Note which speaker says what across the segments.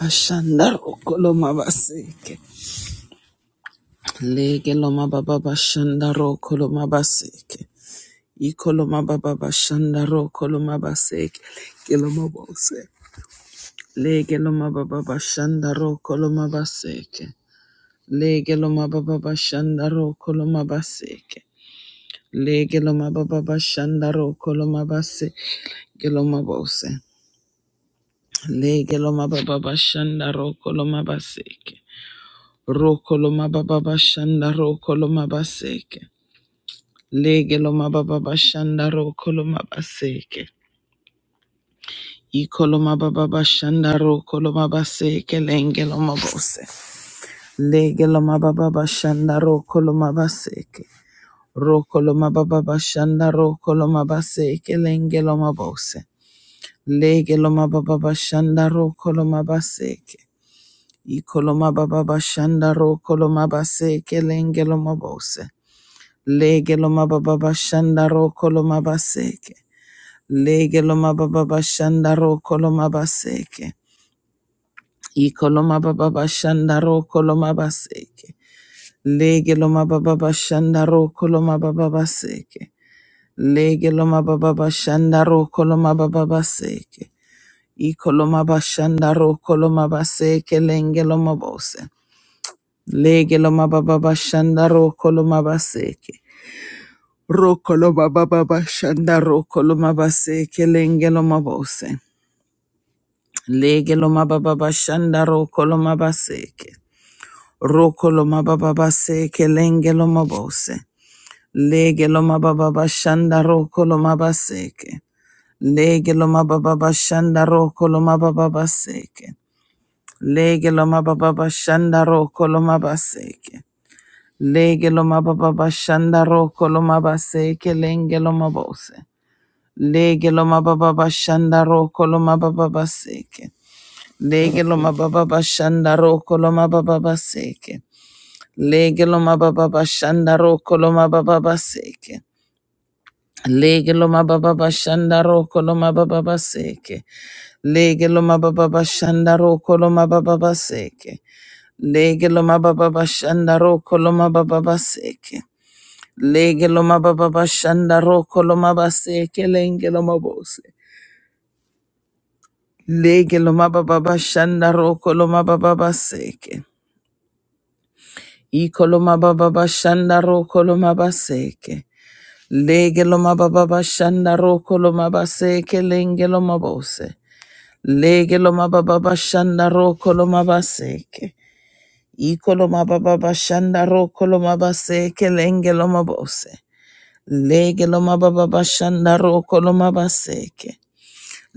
Speaker 1: Ashandaro koloma baseke. Lege loma baba bashandaro koloma baseke. Ikoloma baba bashandaro koloma baseke. Kiloma bose. Lege loma baba bashandaro koloma baseke. Lege loma baba bashandaro koloma baseke. Lege loma baba bashandaro koloma baseke. Kiloma bose. Lege loma baba bashandaro koloma baseke. Rokoloma baba bashanda rokoloma baseke. Legeloma baba bashanda rokoloma baseke. Ikoloma baba bashanda rokoloma baseke lengeloma bose. Legeloma baba bashanda rokoloma baseke. Rokoloma baba bashanda rokoloma baseke lengeloma bose. Legeloma baba bashanda rokoloma baseke. Ikoloma baba bashanda rokoloma baseke lengeloma bose. Lege loma baba bashanda roko loma baseke. Lege loma baba bashanda roko loma baseke. Iko loma baba bashanda roko loma baseke. Lege loma baba bashanda roko loma baba baseke. Lege loma baba bashanda roko loma baba baseke. Iko loma bashanda roko loma baseke lenge loma bose. Lege loma baba bashanda roko loma baseke. Rokolo baba baba shanda rokolo mabase kelengelo mabose. Legelo mababa baba shanda rokolo mabaseke. Rokolo mababa seke lengelo mabose. Legelo mababa baba shanda rokolo mabaseke. Legelo mababa baba shanda rokolo mababa seke. Legelo mababa baba shanda rokolo mabaseke. Legelo mababa baba shanda rokolo mabaseke lengelo mabose. Lege loma baba bashanda roko loma baba baseke. Lege loma baba bashanda roko loma baba baseke. Lege loma baba bashanda roko loma baba baseke. Lege loma baba bashanda roko loma baba baseke. Lege loma baba bashanda roko loma baba baseke. Lege loma baba bashanda roko loma baba baseke. Lege loma baba bashanda roko loma baseke lenge loma bose. Lege loma baba bashanda roko loma baba baseke. Iko loma baba bashanda roko loma baseke. Lege loma baba bashanda roko loma baseke lenge loma bose. Lege loma baba bashanda roko loma baseke. Iko loma baba bashanda roko loma baseke lenge loma bose. Lege loma baba bashanda roko loma baseke.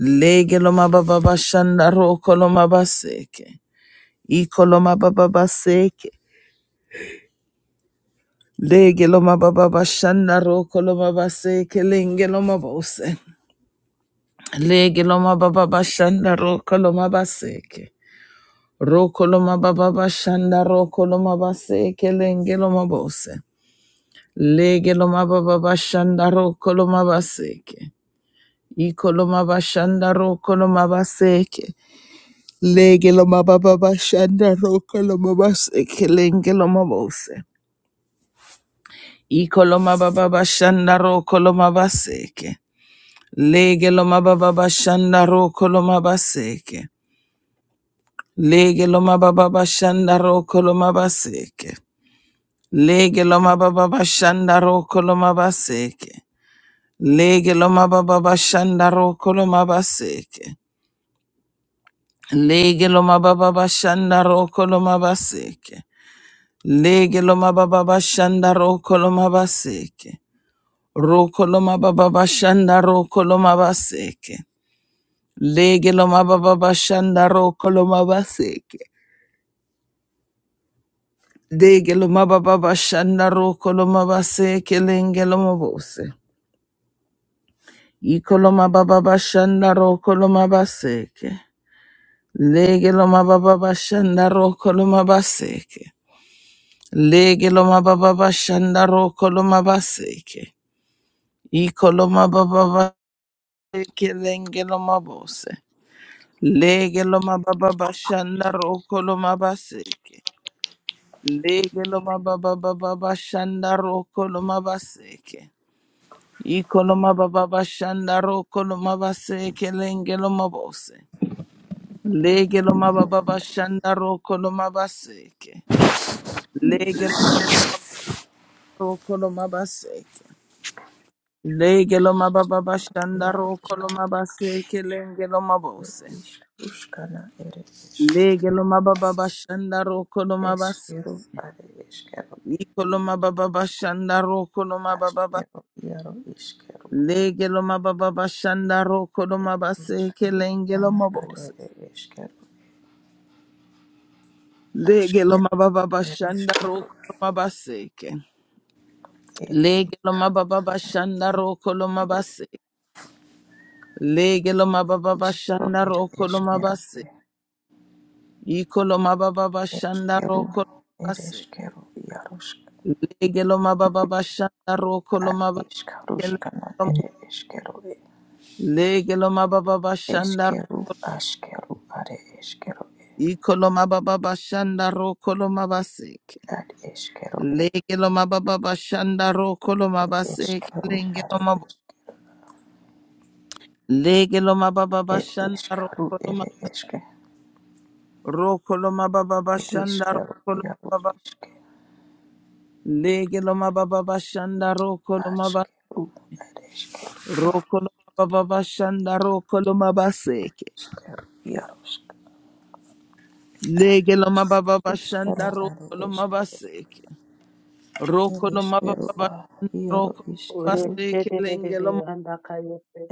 Speaker 1: Lege loma baba bashanda roko loma baseke. Ikoloma baba baseke. legeloma loma baba bashanda ro koloma baseke. lengeloma loma bose. Lege baba bashanda ro koloma baseke. Ro koloma baba bashanda ro koloma baseke. lengeloma loma bose. Lege baba bashanda ro koloma baseke. Ikoloma bashanda ro koloma baseke. legeloma loma baba bashanda ro koloma baseke. lengeloma loma bose. Ikoloma baba bashanda ro koloma baseke. Lege loma baba bashanda ro koloma baseke. Lege loma baba bashanda ro koloma baseke. Lege loma baba bashanda ro koloma baseke. Lege loma baba bashanda ro koloma baseke. Lege loma baba bashanda ro koloma baseke. Lege loma baba bashanda ro koloma baseke. Rokoloma baba bashanda rokoloma baseke. Legeloma baba bashanda rokoloma baseke. Degeloma baba bashanda rokoloma baseke lengeloma bose. Ikoloma baba bashanda rokoloma baseke. Legeloma baba bashanda rokoloma baseke. Legeloma baba bashanda rokoloma baseke. Ikoloma baba baseke lengeloma bose. Lege lo mababa bashanda roko lo mabaseke. Lege lo mababa baba bashanda roko lo mabaseke. Iko lo mababa bashanda roko lo mabaseke lenge lo mabose. Lege lo mababa bashanda roko lo mabaseke. Lege lo mababa roko lo mabaseke. Lege lo mababa bashanda roko lo mabaseke lenge lo mabose.
Speaker 2: Ish Ushkana ere ish
Speaker 1: Lege lo mababa bashanda roko lo mabaseke.
Speaker 2: Eskero are eskero
Speaker 1: Ikoloma baba bashanda ro koloma baba ba
Speaker 2: Ashkero iaro iskero
Speaker 1: legeloma baba bashanda ro koloma
Speaker 2: Ish
Speaker 1: baseke
Speaker 2: Ushkana
Speaker 1: lengeloma
Speaker 2: are
Speaker 1: bose
Speaker 2: ere eskero Ashkero
Speaker 1: legeloma baba
Speaker 2: ere
Speaker 1: bashanda ro
Speaker 2: eskero
Speaker 1: koloma baseke
Speaker 2: Ere
Speaker 1: legeloma baba bashanda ro koloma baseke legeloma baba
Speaker 2: iskero
Speaker 1: bashanda
Speaker 2: ere
Speaker 1: ro koloma
Speaker 2: eskero
Speaker 1: baseke ikoloma baba bashanda ro koloma
Speaker 2: Eskero ere
Speaker 1: baseke
Speaker 2: eskero Iarosk
Speaker 1: legeloma baba bashanda ro
Speaker 2: a
Speaker 1: koloma baseke
Speaker 2: iskaruskana ere eskero
Speaker 1: legeloma baba bashanda
Speaker 2: Eskero askero are eskero
Speaker 1: Ikoloma baba bashanda ro koloma baseke.
Speaker 2: Ad eskero ere
Speaker 1: Legeloma baba bashanda ro koloma baseke.
Speaker 2: eskero are
Speaker 1: Lengeloma bo-
Speaker 2: eskero
Speaker 1: Legeloma baba
Speaker 2: Ed
Speaker 1: bashanda ro
Speaker 2: iskaru
Speaker 1: koloma
Speaker 2: ere eske
Speaker 1: ro koloma baba bashanda ro
Speaker 2: Ereshkigal,
Speaker 1: koloma
Speaker 2: Yaro,
Speaker 1: baba
Speaker 2: Ishkel,
Speaker 1: Legeloma baba bashanda ro koloma ba
Speaker 2: Ashkel,
Speaker 1: ro
Speaker 2: Ereshkigal,
Speaker 1: koloma baba bashanda ro koloma baseke.
Speaker 2: Yaroshkel,
Speaker 1: Legeloma baba
Speaker 2: Yaroshkel, Rushkel,
Speaker 1: bashanda ro koloma
Speaker 2: Ereshkigal,
Speaker 1: baseke. Ro koloma
Speaker 2: Ereshkigal,
Speaker 1: baba bashanda ro
Speaker 2: Yaro,
Speaker 1: koloma
Speaker 3: Ore
Speaker 2: Ishkel,
Speaker 3: de de de de de
Speaker 1: baseke.
Speaker 3: anda kayete.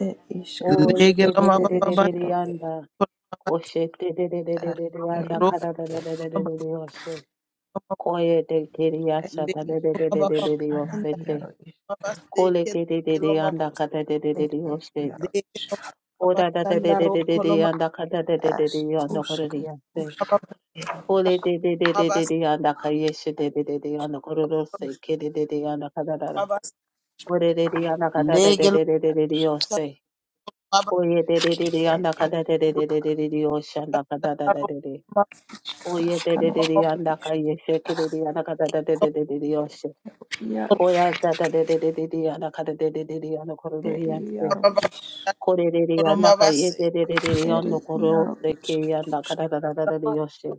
Speaker 3: Ore de
Speaker 2: Ereshkrushkel,
Speaker 1: Legelo
Speaker 3: de de de
Speaker 1: mababa
Speaker 3: de de de
Speaker 2: Ereshkigal,
Speaker 3: anda.
Speaker 1: bashikolo mabasi
Speaker 3: Oshe de de de de de de de anda
Speaker 1: ro
Speaker 2: Ashkel,
Speaker 3: kada de de de de de de de oshe.
Speaker 1: mababa
Speaker 3: Koye de kiri yasha da de de
Speaker 1: legelo
Speaker 3: de de de
Speaker 1: mababa
Speaker 3: de de
Speaker 2: Ereshkrushkana,
Speaker 3: oshe
Speaker 1: anda
Speaker 3: te.
Speaker 2: Yaro,
Speaker 1: mabasi
Speaker 3: Kole ke de de de
Speaker 1: legelo
Speaker 3: anda
Speaker 1: mabos
Speaker 3: kada de de de
Speaker 2: Ishkel,
Speaker 3: de oshe.
Speaker 2: Yaro,
Speaker 1: legelo
Speaker 2: Ishkel,
Speaker 1: mababa
Speaker 3: Ora da de de
Speaker 1: anda
Speaker 3: de
Speaker 1: ro
Speaker 3: de de
Speaker 1: kolo
Speaker 3: de anda kada de de de de de anda kore de
Speaker 2: Ashkrushkel,
Speaker 3: yashe.
Speaker 1: mababa
Speaker 2: Rushkel, Yaro,
Speaker 3: Kole
Speaker 2: Ishkel,
Speaker 3: de de de de de
Speaker 1: mabasi
Speaker 3: de anda kayeshe de de de de anda kore de oshe. Ke de de de anda kada da da.
Speaker 1: mabasi
Speaker 3: Ore de de anda kada de de
Speaker 1: legelo
Speaker 3: de de de de de
Speaker 2: Yaroshkel,
Speaker 3: oshe.
Speaker 1: mababa
Speaker 3: Oye de de de de anda kada de de de de de de de osha anda kada da
Speaker 1: anda
Speaker 3: da
Speaker 1: ro
Speaker 3: de de.
Speaker 1: mababa
Speaker 3: Oye de de
Speaker 2: Ereshkrushkana,
Speaker 3: de de anda
Speaker 2: Ereshkigal,
Speaker 3: kaya sheke de de anda kada da de de de de de osha. Oya
Speaker 2: Yaroshkel,
Speaker 3: da da de de de de de anda kada de de de de anda koro ro yashe.
Speaker 1: mababa
Speaker 2: Yaroshkel,
Speaker 3: Kore de de
Speaker 1: kolo
Speaker 3: anda kaya
Speaker 1: mabasi
Speaker 3: de de de de de
Speaker 2: Eri
Speaker 3: anda
Speaker 2: iaro
Speaker 3: koro se ke anda
Speaker 2: iskerus
Speaker 3: kada da da da da de osha.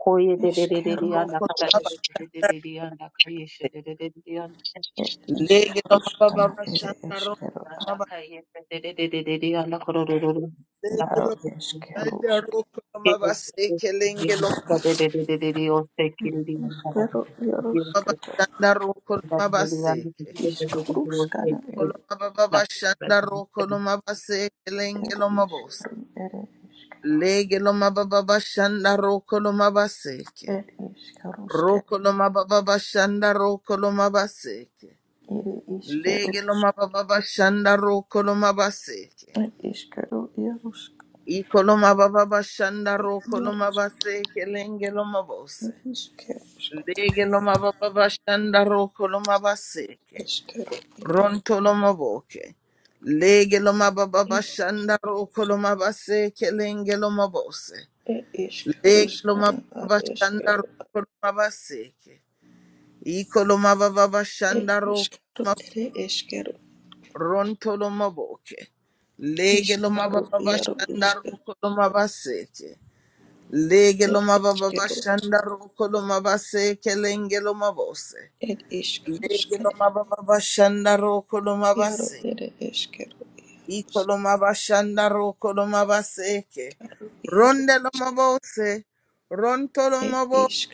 Speaker 3: Koye de de de de de
Speaker 2: eskeru
Speaker 1: ro
Speaker 3: anda
Speaker 1: kolo
Speaker 3: kada de de
Speaker 1: mabasi
Speaker 3: de de de de anda kaya she de de de de de anda
Speaker 1: legelo
Speaker 2: iskeruskana
Speaker 1: mababa
Speaker 2: ere
Speaker 1: anda ro
Speaker 2: eskeru
Speaker 3: anda
Speaker 1: mabasi
Speaker 3: kaya de de de de de de anda koro ro ro
Speaker 2: iaro
Speaker 1: legelo
Speaker 3: ro.
Speaker 1: anda
Speaker 2: eskerus
Speaker 1: ro kolo
Speaker 3: Thank
Speaker 1: mabasi
Speaker 2: eskeru
Speaker 1: baba
Speaker 2: iaruskata
Speaker 1: shanda ro koloma baseke.
Speaker 2: iskeruskana ere
Speaker 1: Ikoloma baba bashanda ro koloma baseke lenge
Speaker 2: eri
Speaker 1: loma bos.
Speaker 2: iskeru ere eskeru
Speaker 1: Lege loma baba bashanda ro koloma baseke.
Speaker 2: eri
Speaker 1: Ro
Speaker 2: iskeruske
Speaker 1: koloma baba bashanda ro koloma baseke.
Speaker 2: eri
Speaker 1: Lege
Speaker 2: iskerus
Speaker 1: loma baba bashanda ro koloma baseke.
Speaker 2: eri iskeru iarusk
Speaker 1: Ikoloma baba bashanda
Speaker 2: iarusk eri iskerusk eskeru
Speaker 1: Rontoloma boke. Legeloma baba
Speaker 2: eri
Speaker 1: bashanda rokoloma base kelengeloma bose. Legeloma
Speaker 2: iskeruskana
Speaker 1: baba
Speaker 2: ere
Speaker 1: bashanda
Speaker 2: eskeru
Speaker 1: rokoloma baseke. Ikoloma baba
Speaker 2: Ed
Speaker 1: bashanda
Speaker 2: iskero,
Speaker 1: rokoloma
Speaker 2: ere eskero,
Speaker 1: rontoloma boke. Legeloma
Speaker 2: iskaro,
Speaker 1: baba
Speaker 2: iaro
Speaker 1: bashanda
Speaker 2: iskero,
Speaker 1: rokoloma baseke.
Speaker 2: ed
Speaker 1: Legeloma baba
Speaker 2: eskero,
Speaker 1: bashanda rokoloma baseke lengeloma bose.
Speaker 2: ed iskaro
Speaker 1: Legeloma
Speaker 2: skana,
Speaker 1: baba bashanda rokoloma
Speaker 2: iaro,
Speaker 1: baseke.
Speaker 2: ere eskero, iaro,
Speaker 1: Ikolomabashanda rokolomabaseke.
Speaker 2: skaro, iaro,
Speaker 1: Ronde
Speaker 2: isk,
Speaker 1: lomabose. Ronto
Speaker 2: ed
Speaker 1: lomabo.
Speaker 2: isk,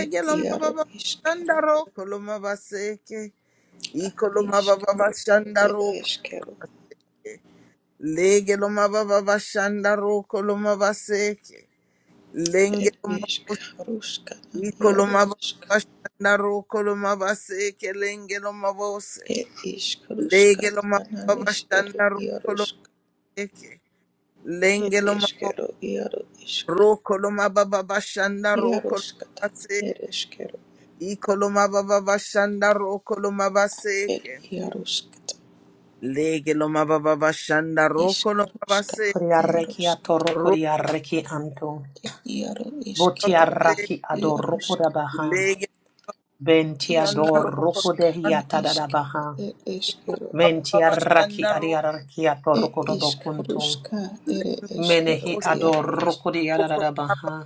Speaker 2: ed iaro, iskero,
Speaker 1: lomababashanda rokolomabaseke. ro,
Speaker 2: ed iskaro, ed ere
Speaker 1: rokoke.
Speaker 2: eskero,
Speaker 1: Lege lomababashanda rokolomabaseke. Lenge
Speaker 2: ed
Speaker 1: lomabose.
Speaker 2: iskaro skana, iaro, isk,
Speaker 1: Ikolomababashanda rokolomabaseke. Lenge lomabose.
Speaker 2: ed iskaro
Speaker 1: Lege
Speaker 2: skatana, nis, ere,
Speaker 1: lomababashanda
Speaker 2: iaro,
Speaker 1: rokolomabaseke.
Speaker 2: sk, ed eskero, iaro, isk,
Speaker 1: Rokoloma baba bashanda
Speaker 2: iaro
Speaker 1: rokoloma
Speaker 2: skata,
Speaker 1: base.
Speaker 2: ere eskero.
Speaker 1: Ikoloma baba bashanda rokoloma
Speaker 2: Ed
Speaker 1: baseke.
Speaker 2: Yarushkat
Speaker 1: Lege loma baba bashanda rokoloma
Speaker 2: Ishkarushkat
Speaker 1: base.
Speaker 4: Kuriareki
Speaker 2: Yarushkat
Speaker 4: atoro
Speaker 1: Rokoloma
Speaker 4: kuriareki anto.
Speaker 2: Ed Yaru Ishkeru
Speaker 1: base.
Speaker 2: Ed
Speaker 4: Botiaraki adoroko da
Speaker 2: Yarushkat
Speaker 4: baha.
Speaker 1: Lege
Speaker 4: Benti
Speaker 1: shanda
Speaker 4: adoroko
Speaker 1: rokoloma
Speaker 4: de
Speaker 2: Ishkerushkana
Speaker 1: base.
Speaker 4: hiata da da
Speaker 2: Ishkeru
Speaker 4: baha.
Speaker 2: Ed Ishkeru
Speaker 1: Ikoloma baba
Speaker 4: Mentiaraki
Speaker 1: bashanda ro.
Speaker 4: adiaraki
Speaker 2: Ed
Speaker 4: atoroko da bokunto.
Speaker 2: Ishkarushka Ere
Speaker 1: Lege
Speaker 2: Ishkeru
Speaker 4: Menehi
Speaker 1: osh
Speaker 2: Yaru Ish
Speaker 4: adoroko di ada da
Speaker 1: rokoloma
Speaker 4: baha.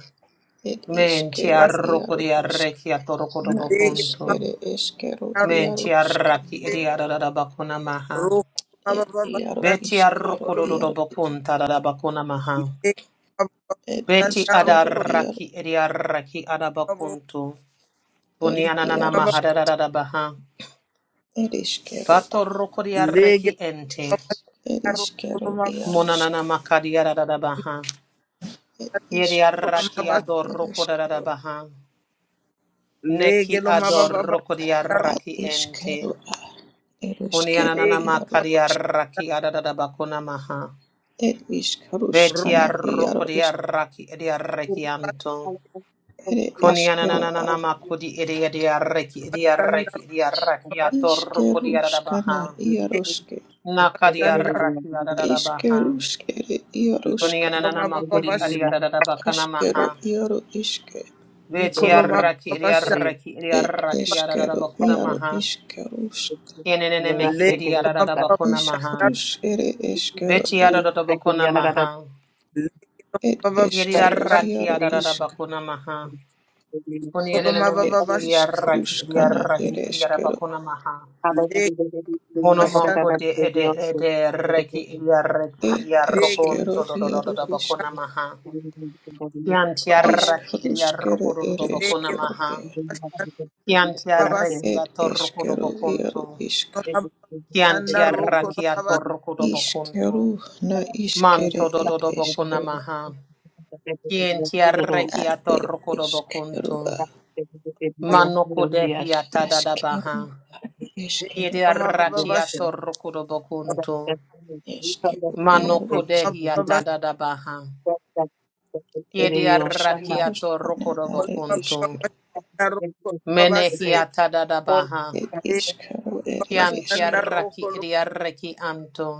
Speaker 2: Ed Ishkeru
Speaker 1: base.
Speaker 4: Mentiaroko
Speaker 2: Yaru Ishk
Speaker 4: diareki atoroko da
Speaker 2: Na
Speaker 1: Lege
Speaker 2: is
Speaker 1: shanda
Speaker 4: bokunto.
Speaker 2: Ere Ishkeru Yarushk
Speaker 4: Mentiaraki
Speaker 1: roke.
Speaker 4: adiada da bakuna maha.
Speaker 1: Rokoloma
Speaker 2: Ed
Speaker 1: baba
Speaker 2: Yaru
Speaker 1: bashanda
Speaker 2: Ishkaru
Speaker 4: Betiaroko
Speaker 1: rokoloma.
Speaker 4: do do
Speaker 2: Yaru Ish
Speaker 4: bokunta da da bakuna maha.
Speaker 1: Lege baba
Speaker 2: Ed
Speaker 4: Beti
Speaker 1: bashanda
Speaker 2: Ishkeru
Speaker 1: rokoloma
Speaker 2: Yaru
Speaker 4: adaraki
Speaker 2: Ish
Speaker 4: ediaraki
Speaker 1: bo.
Speaker 4: adabakuntu.
Speaker 2: Ed
Speaker 4: Bunyanana
Speaker 1: Ikoloma baba.
Speaker 2: Yarushkat
Speaker 4: mahadarada baha.
Speaker 2: Ed
Speaker 4: Bato
Speaker 2: Ishkeru
Speaker 1: Lege
Speaker 4: rokodiaraki ente.
Speaker 1: baba
Speaker 2: It
Speaker 1: shanda
Speaker 2: is kettle,
Speaker 1: rokoloma.
Speaker 2: Yarusk,
Speaker 4: Monanana makadiarada baha.
Speaker 2: it is
Speaker 4: Yediaraki
Speaker 2: Karuskana,
Speaker 4: ador
Speaker 2: it is
Speaker 4: rokodada
Speaker 2: kettle,
Speaker 4: baha. Neki ador
Speaker 1: Legelomabababashanda
Speaker 2: at
Speaker 4: rokodiaraki
Speaker 2: is kettle,
Speaker 4: ente.
Speaker 2: it is kero
Speaker 4: Bunyanana
Speaker 2: Yaru is,
Speaker 4: makadiaraki adada bakuna maha.
Speaker 2: it is
Speaker 4: Beti
Speaker 2: Karuskana, Yaru is,
Speaker 4: arokodiaraki ediaraki anto.
Speaker 2: it is
Speaker 4: Koniana na na
Speaker 2: kettle,
Speaker 4: na na ma kudi Konianananana makudi idiareki idiareki idiareki
Speaker 2: is
Speaker 4: ator
Speaker 2: Karuskana,
Speaker 4: kudiaradabaha.
Speaker 2: Yaruske,
Speaker 4: Nakadiareki
Speaker 2: is
Speaker 4: adadabaha.
Speaker 2: Karusk, it Yaruska,
Speaker 4: Koniananana makudi adiadadabakana
Speaker 2: Askero,
Speaker 4: maha.
Speaker 2: Yaru iske,
Speaker 4: Vetiareki idiareki
Speaker 2: it
Speaker 4: idiareki
Speaker 2: is kettle,
Speaker 4: adadabakuna
Speaker 2: Yaru
Speaker 4: maha.
Speaker 2: is Karusk,
Speaker 4: Kienenene mehi idiadadabakuna
Speaker 2: is
Speaker 4: maha.
Speaker 2: Karusk, it is kettle,
Speaker 4: Vetiadadabakuna maha.
Speaker 2: it is kettle,
Speaker 4: Idiareki
Speaker 2: Yaru Isk.
Speaker 4: adadabakuna maha. Koniananana
Speaker 2: ir
Speaker 4: mehi idiareki
Speaker 2: iškaruškana ir
Speaker 4: idiareki
Speaker 3: you.
Speaker 2: iškeru
Speaker 4: idiadabakuna maha.
Speaker 3: Thank
Speaker 4: Monomoko de ede ede reki idia reki
Speaker 2: ir
Speaker 4: idia
Speaker 2: iškeru
Speaker 4: rokonto do do do do
Speaker 2: ieru
Speaker 4: do
Speaker 2: išk
Speaker 4: bakona maha.
Speaker 3: you.
Speaker 4: Kian tia raki idia
Speaker 2: iškaruškere
Speaker 4: roko do do
Speaker 2: ir
Speaker 4: do bakona
Speaker 2: iškeru
Speaker 4: maha.
Speaker 2: ir
Speaker 4: Kian tia reki
Speaker 2: ir
Speaker 4: ato roko do
Speaker 2: iškeru ieru
Speaker 4: bakonto.
Speaker 2: išk
Speaker 4: Kian tia raki ato roko do
Speaker 2: iškeru
Speaker 4: bakonto.
Speaker 2: na iškere
Speaker 4: Manto do
Speaker 2: ir
Speaker 4: do do bakona
Speaker 2: iškeru
Speaker 4: maha. Kian tia reki
Speaker 2: at
Speaker 4: ato
Speaker 2: ir
Speaker 4: roko do
Speaker 2: iškeru
Speaker 4: bakonto.
Speaker 2: a
Speaker 4: Manoko de hiata da da
Speaker 2: iškeru
Speaker 4: baha.
Speaker 2: ar iškeru
Speaker 4: Kidia
Speaker 2: ir išk
Speaker 4: raki ato roko do bakonto.
Speaker 2: iškeru
Speaker 4: Mano
Speaker 2: ieru išk
Speaker 4: kudehi atadada baha.
Speaker 2: ir
Speaker 4: Yedi arrakiato
Speaker 2: iškaruškana
Speaker 1: Lege
Speaker 4: rokodobo
Speaker 2: ar
Speaker 4: kuntu.
Speaker 2: iškeru
Speaker 4: Menehi atadada baha.
Speaker 2: ir iškeru ir
Speaker 4: Kianti
Speaker 2: iškeru
Speaker 4: arraki edi arreki anto.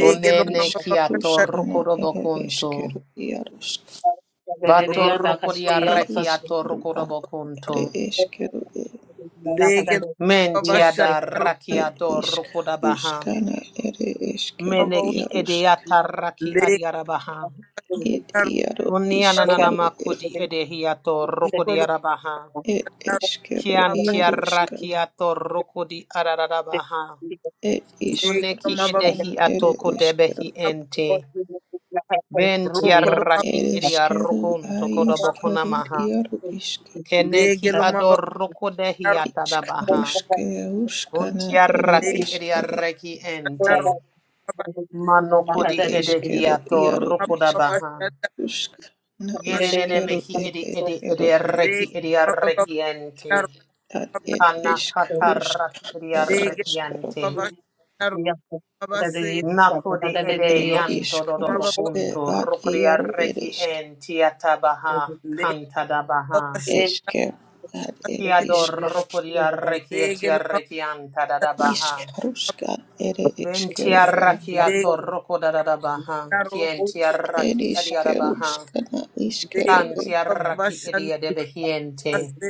Speaker 2: Ed
Speaker 4: kiato
Speaker 2: ishkarushkana
Speaker 4: rokodobo
Speaker 2: ere
Speaker 4: kuntu.
Speaker 2: eskeru iarushk.
Speaker 4: Bato rokodi
Speaker 2: Ed
Speaker 4: arreki ato
Speaker 2: ishkaru a
Speaker 4: rokodobo kuntu.
Speaker 2: ere eskeru e.
Speaker 4: Menti ada
Speaker 2: Ed
Speaker 4: rakiato rokodabaha.
Speaker 2: ishkarushkana ere eskeru
Speaker 4: Meneki
Speaker 2: iarushk.
Speaker 4: edi atarraki adiarabaha.
Speaker 2: Ed iaru
Speaker 4: Kunianana
Speaker 2: ishkeru e.
Speaker 4: makudi edehi ato rokodi arabaha.
Speaker 2: Ed eskeru
Speaker 4: Chianti
Speaker 2: iarushka.
Speaker 4: arracchiato rocco di ararabaha.
Speaker 2: Ed
Speaker 4: Kuneki
Speaker 2: ishkarushkana
Speaker 4: edehi
Speaker 2: ere
Speaker 4: atoko
Speaker 2: eskeru
Speaker 4: debehi
Speaker 2: e.
Speaker 4: ente. Benti arraki
Speaker 2: Ed
Speaker 4: iri
Speaker 2: eskeru a
Speaker 4: arrokonto kodabokuna
Speaker 2: ishkeru
Speaker 4: maha.
Speaker 2: iaru ishke.
Speaker 4: Keneki adorroko dehi atadabaha.
Speaker 2: Ishkarushke ushkana
Speaker 4: Unti
Speaker 2: ere
Speaker 4: arraki iri
Speaker 2: eskeru
Speaker 4: arreki ente. Manoko
Speaker 2: It
Speaker 4: di
Speaker 2: is
Speaker 4: edehi
Speaker 2: kero iaro
Speaker 4: atorroko
Speaker 2: isk
Speaker 4: dabaha.
Speaker 2: rusk na
Speaker 4: Yenenene
Speaker 2: iskero
Speaker 4: mehi
Speaker 2: it
Speaker 4: edi
Speaker 2: is
Speaker 4: edi edi
Speaker 2: kero
Speaker 4: arreki iri arreki ente.
Speaker 2: at it isk rusk
Speaker 4: Anakatarraki iri
Speaker 2: it
Speaker 4: arreki
Speaker 2: is kero
Speaker 4: ente. Nakudi
Speaker 2: it
Speaker 4: edeyan
Speaker 2: is isk ruske
Speaker 4: tododobokuntu
Speaker 2: at
Speaker 4: rukria
Speaker 2: iaro it
Speaker 4: reki
Speaker 2: isk
Speaker 4: en tiatabaha kantadabaha.
Speaker 2: eske at it
Speaker 4: Kiador
Speaker 2: isk
Speaker 4: rukuria reki
Speaker 1: Lege
Speaker 4: etia
Speaker 1: lo ma-
Speaker 4: reki
Speaker 2: isk
Speaker 4: antadadabaha.
Speaker 2: rusk at ere iskero
Speaker 4: Bentia
Speaker 1: lege
Speaker 4: rakiato rukodadabaha.
Speaker 1: la ro,
Speaker 4: Kien
Speaker 2: it
Speaker 4: tiaraki
Speaker 2: iskero
Speaker 4: adiadabaha.
Speaker 2: skana iskero
Speaker 1: lege lo ma ba ba ba
Speaker 4: Kantiaraki
Speaker 1: shanda ba
Speaker 4: ediadebehiente.
Speaker 1: se,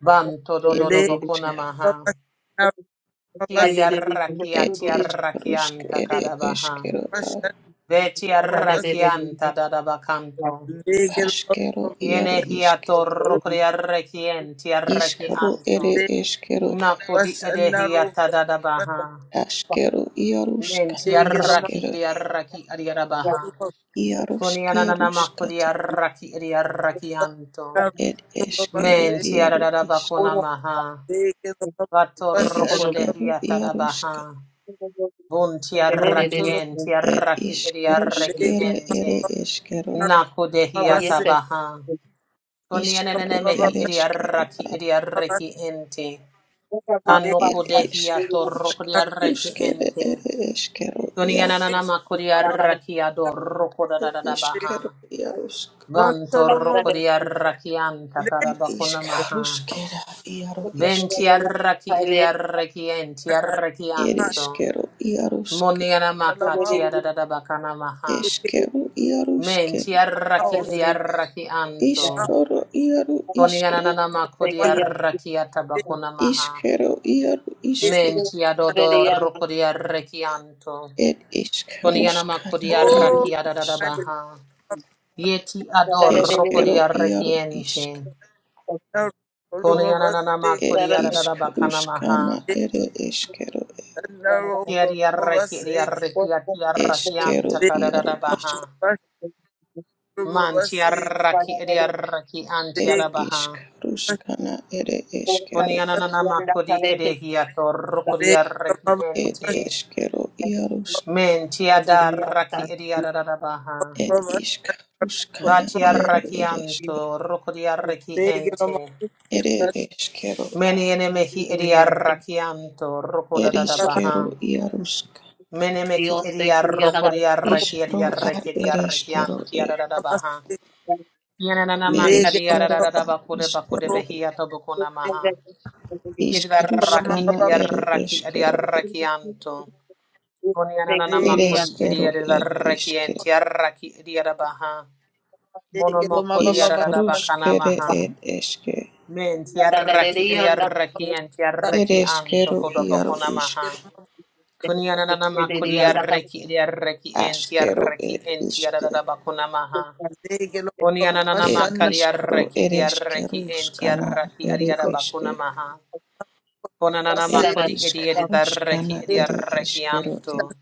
Speaker 4: Banto
Speaker 2: it
Speaker 1: lege
Speaker 2: isk
Speaker 4: dodobokuna
Speaker 1: ba
Speaker 4: maha.
Speaker 1: ba shanda ro ba ba
Speaker 4: Kiadi
Speaker 1: se,
Speaker 4: arraki
Speaker 2: it
Speaker 4: ati
Speaker 2: isk
Speaker 4: arraki
Speaker 2: rusk
Speaker 4: anta
Speaker 1: lege
Speaker 2: ere
Speaker 4: kada baha.
Speaker 2: iskero
Speaker 1: ba shanda
Speaker 4: beti Kiadiaraki
Speaker 1: ro ba ba se,
Speaker 4: atiaraki antakadabaha. Betiaraki antadadabakanto.
Speaker 1: lege lo ma ba
Speaker 2: askero
Speaker 1: ba ba
Speaker 2: iaro
Speaker 4: Yene
Speaker 2: isk
Speaker 4: hiato
Speaker 1: ro,
Speaker 4: rokri arreki enti arreki
Speaker 2: Ishkaru ere
Speaker 4: anto.
Speaker 1: lege
Speaker 2: eshkeru
Speaker 1: ba
Speaker 4: Nakudi ede
Speaker 1: shanda ro ba
Speaker 4: hiata
Speaker 1: ba se,
Speaker 4: dadabaha.
Speaker 2: ashkeru iarushka
Speaker 4: Nenti
Speaker 1: lege lo ma
Speaker 4: arraki
Speaker 2: nanishkeru
Speaker 4: edi arraki edi
Speaker 1: ba
Speaker 4: arabaha.
Speaker 1: ro ba-
Speaker 4: Kuni ananana makudi
Speaker 2: iarushkerushkata
Speaker 4: arraki edi arraki anto.
Speaker 1: la
Speaker 2: ed
Speaker 1: ro ba ba
Speaker 2: eshkeru
Speaker 1: se,
Speaker 4: Menti
Speaker 2: iaru ishk
Speaker 3: Or
Speaker 4: aradabakuna maha.
Speaker 1: lege lo ma ba
Speaker 4: Vato
Speaker 1: ba
Speaker 2: ed
Speaker 4: roko
Speaker 1: shanda
Speaker 3: whatever.
Speaker 4: de
Speaker 1: ro,
Speaker 2: ishkeru
Speaker 4: hiata
Speaker 2: iarushka
Speaker 4: dabaha. Bunti
Speaker 1: ronto
Speaker 4: arraki
Speaker 1: lo,
Speaker 4: enti
Speaker 2: ed
Speaker 4: arraki edi arraki
Speaker 1: lege
Speaker 2: ishkarushkere ere
Speaker 4: ente.
Speaker 2: eshkeru
Speaker 1: la ro
Speaker 2: a
Speaker 4: Nakude
Speaker 1: ba ba
Speaker 4: hiata
Speaker 1: se,
Speaker 4: baha.
Speaker 1: lo
Speaker 2: ishkaru
Speaker 4: Konianene
Speaker 1: ma ba
Speaker 4: hi
Speaker 2: ere
Speaker 1: ba
Speaker 2: eshkeru
Speaker 4: idiaraki
Speaker 2: a
Speaker 1: ba ba
Speaker 4: idiaraki
Speaker 1: se,
Speaker 4: ente.
Speaker 1: lege
Speaker 2: ed
Speaker 4: Kanoko dehi
Speaker 2: ishkarushk
Speaker 4: atoroko
Speaker 1: la ro
Speaker 4: diaraki
Speaker 2: rushkere
Speaker 4: ente.
Speaker 2: ere eshkeru iaru
Speaker 4: Konianana
Speaker 1: ba ba ba
Speaker 4: makodiaraki adoroko da da
Speaker 2: ed
Speaker 4: da da
Speaker 1: se,
Speaker 4: baha.
Speaker 2: ishkeru iarushk
Speaker 1: ronto lo ma
Speaker 4: Bantoroko
Speaker 1: ba-
Speaker 4: diaraki anta
Speaker 1: lege
Speaker 2: ed
Speaker 4: karabakona maha.
Speaker 2: ishkarushkera iaru ishke
Speaker 4: Ventiaraki idiaraki entiaraki
Speaker 2: ed
Speaker 1: ma
Speaker 4: anto.
Speaker 2: ishkeru iarushke
Speaker 4: Moniana
Speaker 1: shala
Speaker 4: makatia
Speaker 1: ma
Speaker 4: da da da bakana maha.
Speaker 2: Eskero iaruske.
Speaker 4: Mentiaraki
Speaker 1: house and
Speaker 4: idiaraki anto.
Speaker 2: Iskoro iaru iske.
Speaker 4: Konianana
Speaker 1: one
Speaker 4: makodiaraki atabakona maha.
Speaker 2: Iskero iaru
Speaker 1: is
Speaker 2: iske.
Speaker 4: Menti adodoro kodia rekianto.
Speaker 2: Et
Speaker 4: Konianama
Speaker 2: iskaruskana
Speaker 4: kodia
Speaker 1: Oh,
Speaker 2: iaru
Speaker 4: rakia da da da
Speaker 2: isk.
Speaker 1: God,
Speaker 4: baha. Yeti adoro
Speaker 2: Eskero
Speaker 4: kodia
Speaker 2: iaru isk.
Speaker 4: rekiente.
Speaker 1: the narrow for
Speaker 4: Koniananama
Speaker 1: sake,
Speaker 2: Et
Speaker 4: kodia da da da bakana maha.
Speaker 2: iskaruskana
Speaker 1: the
Speaker 2: ere eskero.
Speaker 1: narrow for
Speaker 4: Kiadia rekiadia
Speaker 1: sake,
Speaker 3: Dios
Speaker 4: rekiatia
Speaker 2: Eskero
Speaker 4: rakianta
Speaker 1: the
Speaker 4: kada da
Speaker 2: iaru
Speaker 4: da
Speaker 2: isk.
Speaker 4: baha.
Speaker 1: narrow for
Speaker 4: Mantia
Speaker 1: sake,
Speaker 4: rakiadia rakiantia
Speaker 2: Et
Speaker 1: the
Speaker 4: da baha.
Speaker 2: iskaruskana ere eskero.
Speaker 4: Koniananama kodi edehiato rokodia
Speaker 2: Et
Speaker 4: rekiente.
Speaker 2: eskero iarusk.
Speaker 4: Mentia da rakiadia da da da baha.
Speaker 2: Et iskaruskana
Speaker 4: Vati
Speaker 2: iaru ere eske.
Speaker 4: arrachianto, rocco di arrechiente.
Speaker 2: Ere eskero a.
Speaker 4: Meni ene edi arrachianto, rocco da da da baha.
Speaker 2: Ereshkigal Yaroshk
Speaker 4: Mene mehi edi
Speaker 3: te cuida la
Speaker 4: arrocco
Speaker 3: cabeza.
Speaker 4: di arrechi edi
Speaker 2: Ishkro at
Speaker 4: arrechi edi
Speaker 2: Ereshkigal
Speaker 4: arrechianti, da
Speaker 2: E
Speaker 4: da da baha. Yanana makari
Speaker 1: Legelo
Speaker 4: da
Speaker 2: Ereshkigal
Speaker 4: da da
Speaker 2: at
Speaker 4: bakude bakude
Speaker 2: Ishkro E
Speaker 4: behi atobukuna maha. Yedi arrachi edi
Speaker 2: Ishkarushkana Ere
Speaker 4: arrachi edi
Speaker 2: Eshkiro E
Speaker 4: arrechianto. Onianana makodi edi
Speaker 2: Ereshkigal
Speaker 4: edi
Speaker 2: Ed Ishke
Speaker 4: arrechienti, arrachi edi da baha. Monomokodi da da da bakana
Speaker 2: Ishkarushkere
Speaker 4: maha.
Speaker 2: Ed Eshke
Speaker 4: Menti Men tiaraki iriaraki enti tiaraki anto
Speaker 2: Ereshkigal
Speaker 4: kodo boko
Speaker 2: Yaro Ishk
Speaker 4: namaha. Kuniana nama kodi arraki eri arraki enti
Speaker 2: Ashkero
Speaker 4: arraki
Speaker 2: Ed
Speaker 4: enti
Speaker 2: Ishke
Speaker 4: kodobokona maha. Kunianana
Speaker 2: Ed
Speaker 3: Thank you.
Speaker 2: Ishkro
Speaker 4: makudiaraki iriaraki and
Speaker 2: Ereshkirushkana
Speaker 4: tiaraki and
Speaker 2: Ere
Speaker 4: tiaradabakona
Speaker 2: Eshke
Speaker 4: maha.
Speaker 3: Oh
Speaker 4: Kunianana
Speaker 3: yeah,
Speaker 2: Ed
Speaker 1: baseke
Speaker 3: that that that
Speaker 4: makadiaraki iriaraki and tiaraki ariadabakona maha. Konanana makodi iriadaraki
Speaker 2: Ishkarushkana Ere
Speaker 4: iriaraki
Speaker 2: Eshkiro E
Speaker 4: anto.
Speaker 1: bashana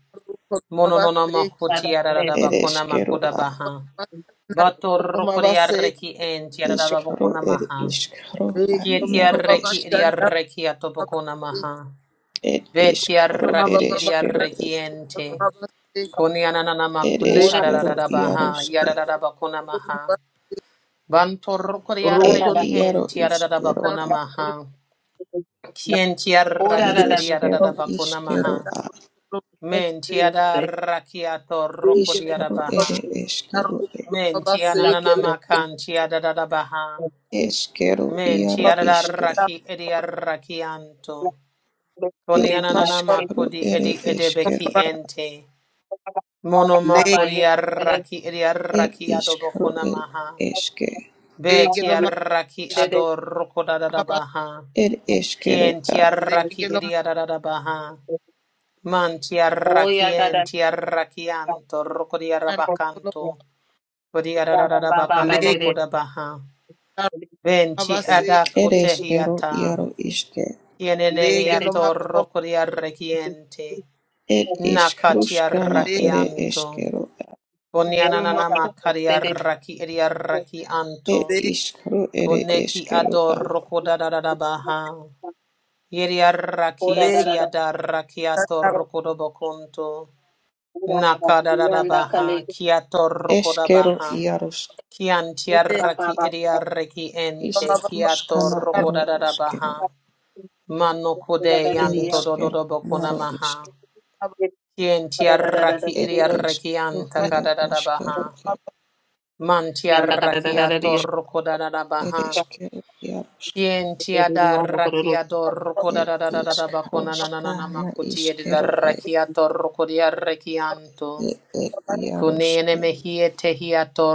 Speaker 4: Mono no nama
Speaker 1: baseke
Speaker 4: koti
Speaker 3: that- yeah.
Speaker 4: arada boko namakoda
Speaker 2: Ereshkigal
Speaker 4: baha. Mononona makutiaradabakona makodabaha.
Speaker 1: bashana koma baseke
Speaker 4: Batorokodiaraki and
Speaker 2: Ishkaro
Speaker 4: tiaradabakona
Speaker 2: ed
Speaker 4: maha.
Speaker 2: ishkaro ad
Speaker 1: koma
Speaker 2: iaro
Speaker 4: Kietiarreki
Speaker 2: eske.
Speaker 1: bashana
Speaker 4: idiarreki atobokona
Speaker 1: baseke
Speaker 4: maha.
Speaker 2: Ed ishkaro
Speaker 1: koma
Speaker 2: ed
Speaker 4: Vetiarraki
Speaker 1: baba
Speaker 2: eskero
Speaker 1: bashana
Speaker 4: idiarreki
Speaker 2: ed.
Speaker 4: ente.
Speaker 1: koma baseke
Speaker 4: Konianana
Speaker 2: Ed
Speaker 1: le
Speaker 4: makudi
Speaker 2: eskero
Speaker 4: arararabaha.
Speaker 2: iaroske.
Speaker 4: Yarararabakona
Speaker 1: koma
Speaker 4: maha.
Speaker 1: baseke
Speaker 2: Ed
Speaker 1: roko
Speaker 4: Bantorukuriarreki
Speaker 2: iaro
Speaker 4: ente
Speaker 2: iskero
Speaker 1: na
Speaker 4: arararabakona
Speaker 2: a.
Speaker 4: maha.
Speaker 2: Ed
Speaker 4: Kientiarraki
Speaker 1: le
Speaker 2: eskero
Speaker 1: baba
Speaker 4: idiararabakona
Speaker 2: iskero
Speaker 4: maha.
Speaker 1: bashana
Speaker 2: a.
Speaker 1: koma baseke le koma bashana koma baseke
Speaker 4: Mentiadarraki
Speaker 1: le koma
Speaker 2: Ishkaro
Speaker 4: atorukuriarabaha.
Speaker 2: ere
Speaker 1: bashana koma
Speaker 2: eskero ed.
Speaker 1: baseke
Speaker 4: Mentianana makantiadarabaha.
Speaker 2: Eskero iaro iske.
Speaker 4: Mentiadarraki idiarreki anto.
Speaker 2: Ed
Speaker 4: Konianana
Speaker 2: ishkaro
Speaker 4: makudi
Speaker 2: ere
Speaker 4: edi edebeki
Speaker 2: eskero a.
Speaker 4: ente. Mono
Speaker 1: le
Speaker 4: makuri arraki edi
Speaker 2: Ed
Speaker 4: arraki
Speaker 2: ishkaro
Speaker 4: adobokona
Speaker 2: ed
Speaker 4: maha.
Speaker 2: eske.
Speaker 4: Beti
Speaker 1: koma
Speaker 4: arraki adorokodadadabaha.
Speaker 2: Ed eskero
Speaker 4: Kienti
Speaker 2: a.
Speaker 4: arraki
Speaker 1: bashana
Speaker 4: edi adadadabaha. Manti arraki enti arraki anto rokodi
Speaker 1: Glory,
Speaker 4: arrabakanto. Kodi
Speaker 3: Yeah, ba- ba- ba-
Speaker 4: adadadabakana
Speaker 3: ba- de- de-
Speaker 4: makodabaha.
Speaker 3: de-
Speaker 4: Venti
Speaker 2: Ed eskero
Speaker 4: adakotehiata.
Speaker 2: iaro iske.
Speaker 3: de- de- de- de- de- de- de-
Speaker 4: Kienenehiato rokodi arrekiente.
Speaker 3: de-
Speaker 2: Ed
Speaker 3: de- de-
Speaker 4: Nakatia
Speaker 3: de-
Speaker 2: ishkarushkana
Speaker 3: de-
Speaker 4: raki
Speaker 2: ere
Speaker 4: anto.
Speaker 2: eskero a.
Speaker 3: Yeah, yeah, yeah, that's what
Speaker 4: Konianana
Speaker 3: I
Speaker 4: karia
Speaker 3: said. They did.
Speaker 4: raki eria raki
Speaker 2: Ed
Speaker 4: anto.
Speaker 2: ishkaru ere
Speaker 4: Koneki
Speaker 2: eskero
Speaker 4: ador
Speaker 2: a.
Speaker 4: rokoda da da da baha. Yeria raki
Speaker 3: Ora, da da da.
Speaker 4: etia da raki ator rokodo bokonto.
Speaker 3: Ora da da da.
Speaker 4: Nakada da da
Speaker 3: Yanda
Speaker 4: baha.
Speaker 3: kale.
Speaker 4: Kiator rokoda
Speaker 2: Eskero
Speaker 4: baha.
Speaker 2: iarushk.
Speaker 4: Kiantia
Speaker 3: Ba ba
Speaker 4: raki
Speaker 3: ba ba.
Speaker 4: eria raki
Speaker 3: Da
Speaker 4: ente. Kiator
Speaker 2: Ishkarushkana ere
Speaker 4: rokoda da da
Speaker 2: eskero.
Speaker 4: baha. Mano kode
Speaker 3: da da da. Da da
Speaker 2: Ed
Speaker 4: yanto do do
Speaker 2: eskero
Speaker 4: do bokona
Speaker 2: iaru ishk.
Speaker 4: maha.
Speaker 3: da da da
Speaker 4: Kientiarraki
Speaker 2: Ed
Speaker 3: da.
Speaker 2: ishkaru
Speaker 4: iriarrekianta
Speaker 2: ere eskero
Speaker 4: kadadadabaha.
Speaker 2: e.
Speaker 3: Yanda ka da da
Speaker 2: A
Speaker 3: da da da.
Speaker 4: Mantiarrakiato
Speaker 2: ishk. Ed
Speaker 4: rukodadadabaha.
Speaker 2: eskero iarushk.
Speaker 3: Yanda ka ro ro.
Speaker 4: Kientiadarrakiado
Speaker 2: Ed ishkarushkana
Speaker 4: rukodadadadabakonanananamakuti
Speaker 2: ishkero e.
Speaker 4: edidarrakiato rukodiarrekianto.
Speaker 2: Ed ed iarushk.
Speaker 4: Kunene mehie tehiato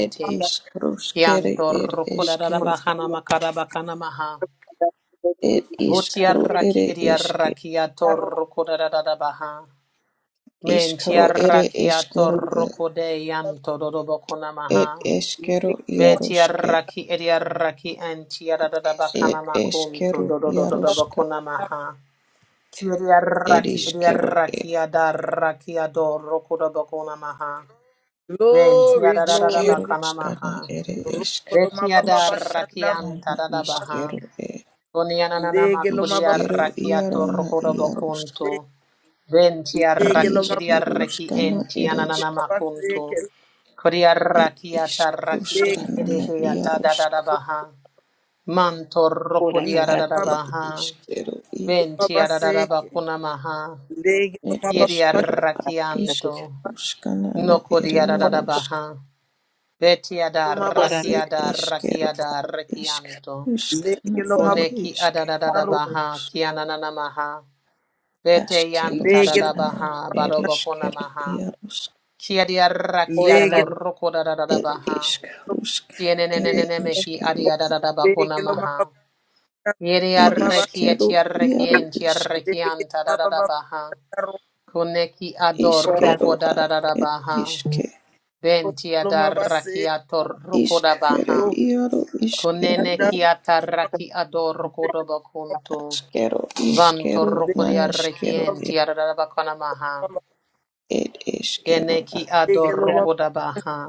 Speaker 2: Ed ishkarushkere
Speaker 4: Kianto
Speaker 2: ed eskero a.
Speaker 4: rukodadadabahana makarabakanamaha.
Speaker 2: Ed ishkaru
Speaker 4: Votiarraki
Speaker 2: ere eske.
Speaker 4: iriarrakiato rukodadadabaha.
Speaker 2: Ishkaro ere
Speaker 4: Mentiaraki
Speaker 2: eskero e.
Speaker 4: atoroko de yanto dodoboko namaha.
Speaker 2: Et eskero iaroske.
Speaker 4: Betiaraki ediaraki
Speaker 2: Et
Speaker 4: antiaradabakana makunto
Speaker 2: eskero iaroska.
Speaker 4: dodododoboko namaha.
Speaker 2: Et
Speaker 4: Kiriaraki
Speaker 2: iskero e.
Speaker 4: ediaraki adaraki adoroko doboko namaha.
Speaker 1: glory,
Speaker 2: Skero
Speaker 1: glory.
Speaker 4: Bentiaradabakana maha.
Speaker 2: skana ere eskero
Speaker 4: Betiadaraki
Speaker 2: skana
Speaker 4: antadadabaha.
Speaker 2: iskero e.
Speaker 4: Onianana
Speaker 2: Iskero
Speaker 4: makuriaraki
Speaker 2: iarona
Speaker 4: atoroko
Speaker 2: iaroska.
Speaker 4: dobokunto.
Speaker 2: Et
Speaker 4: Ventiaraki
Speaker 2: iskero
Speaker 4: ediaraki
Speaker 2: skana ere isk.
Speaker 4: entiananamakuntu.
Speaker 2: Et
Speaker 4: Kodiaraki
Speaker 2: iskero
Speaker 4: ataraki edi
Speaker 2: skana na
Speaker 4: edihiata
Speaker 2: iaroska.
Speaker 4: dadadabaha.
Speaker 3: Ora da da.
Speaker 2: At et
Speaker 4: Mantorokodiadadabaha.
Speaker 2: iskero i.
Speaker 4: Ventiadadabakunamaha.
Speaker 2: Et eskero at
Speaker 4: Kiediarakianto.
Speaker 2: iskero skana na ere
Speaker 3: Ora.
Speaker 2: iaroska.
Speaker 4: Nokodiadadabaha.
Speaker 3: Ora.
Speaker 4: Vetiadaraki
Speaker 2: ir
Speaker 4: adaraki
Speaker 2: išgeriu išk
Speaker 4: adarakianto.
Speaker 2: Ere ir
Speaker 4: Koneki
Speaker 2: askero,
Speaker 4: adadadabaha. Kiananamaha. Vete yanta
Speaker 2: aškeru
Speaker 4: dadabaha.
Speaker 2: Ere ir išgeriu
Speaker 4: Barobokunamaha.
Speaker 2: jarusk
Speaker 4: Kia di
Speaker 3: Ora
Speaker 4: arrakiato
Speaker 3: la.
Speaker 4: roko da da da da
Speaker 2: isk,
Speaker 4: baha.
Speaker 1: Lege
Speaker 2: iškarusk
Speaker 4: Kiene ne ne
Speaker 2: Ere
Speaker 4: ne ne mehi
Speaker 2: išgeriu
Speaker 4: adia da da da bakuna
Speaker 1: Leke lo mababa
Speaker 4: maha. Yeri
Speaker 1: lo
Speaker 2: ir
Speaker 1: maba
Speaker 4: arrekia
Speaker 2: iskero,
Speaker 4: ti
Speaker 2: jaru
Speaker 4: arrekien ti
Speaker 2: išk
Speaker 1: leke lo
Speaker 4: arrekianta da da da
Speaker 1: mababa
Speaker 4: baha.
Speaker 1: ro
Speaker 4: Kuneki ador
Speaker 2: iskero,
Speaker 4: roko da
Speaker 2: a
Speaker 4: da da da
Speaker 2: ir
Speaker 4: baha.
Speaker 2: iške
Speaker 1: ro
Speaker 4: Benti
Speaker 1: lo maba se
Speaker 4: adarrakiato roko da
Speaker 2: iškere
Speaker 1: ro
Speaker 4: baha.
Speaker 2: jaru išgeriu
Speaker 4: Kunene
Speaker 1: kada
Speaker 2: e
Speaker 4: ki atarraki ador
Speaker 1: se
Speaker 4: roko da bakunto.
Speaker 2: Askero,
Speaker 4: Vanto
Speaker 2: iskero,
Speaker 1: leke
Speaker 4: roko di
Speaker 2: nan iskero
Speaker 1: lo
Speaker 4: arrekien
Speaker 2: e.
Speaker 4: ti arada bakuna maha.
Speaker 1: mababa
Speaker 2: ir išgeriu
Speaker 4: Kene
Speaker 2: a
Speaker 4: ki
Speaker 1: leke
Speaker 4: ador
Speaker 1: lo
Speaker 4: roko
Speaker 1: mababa
Speaker 4: da baha.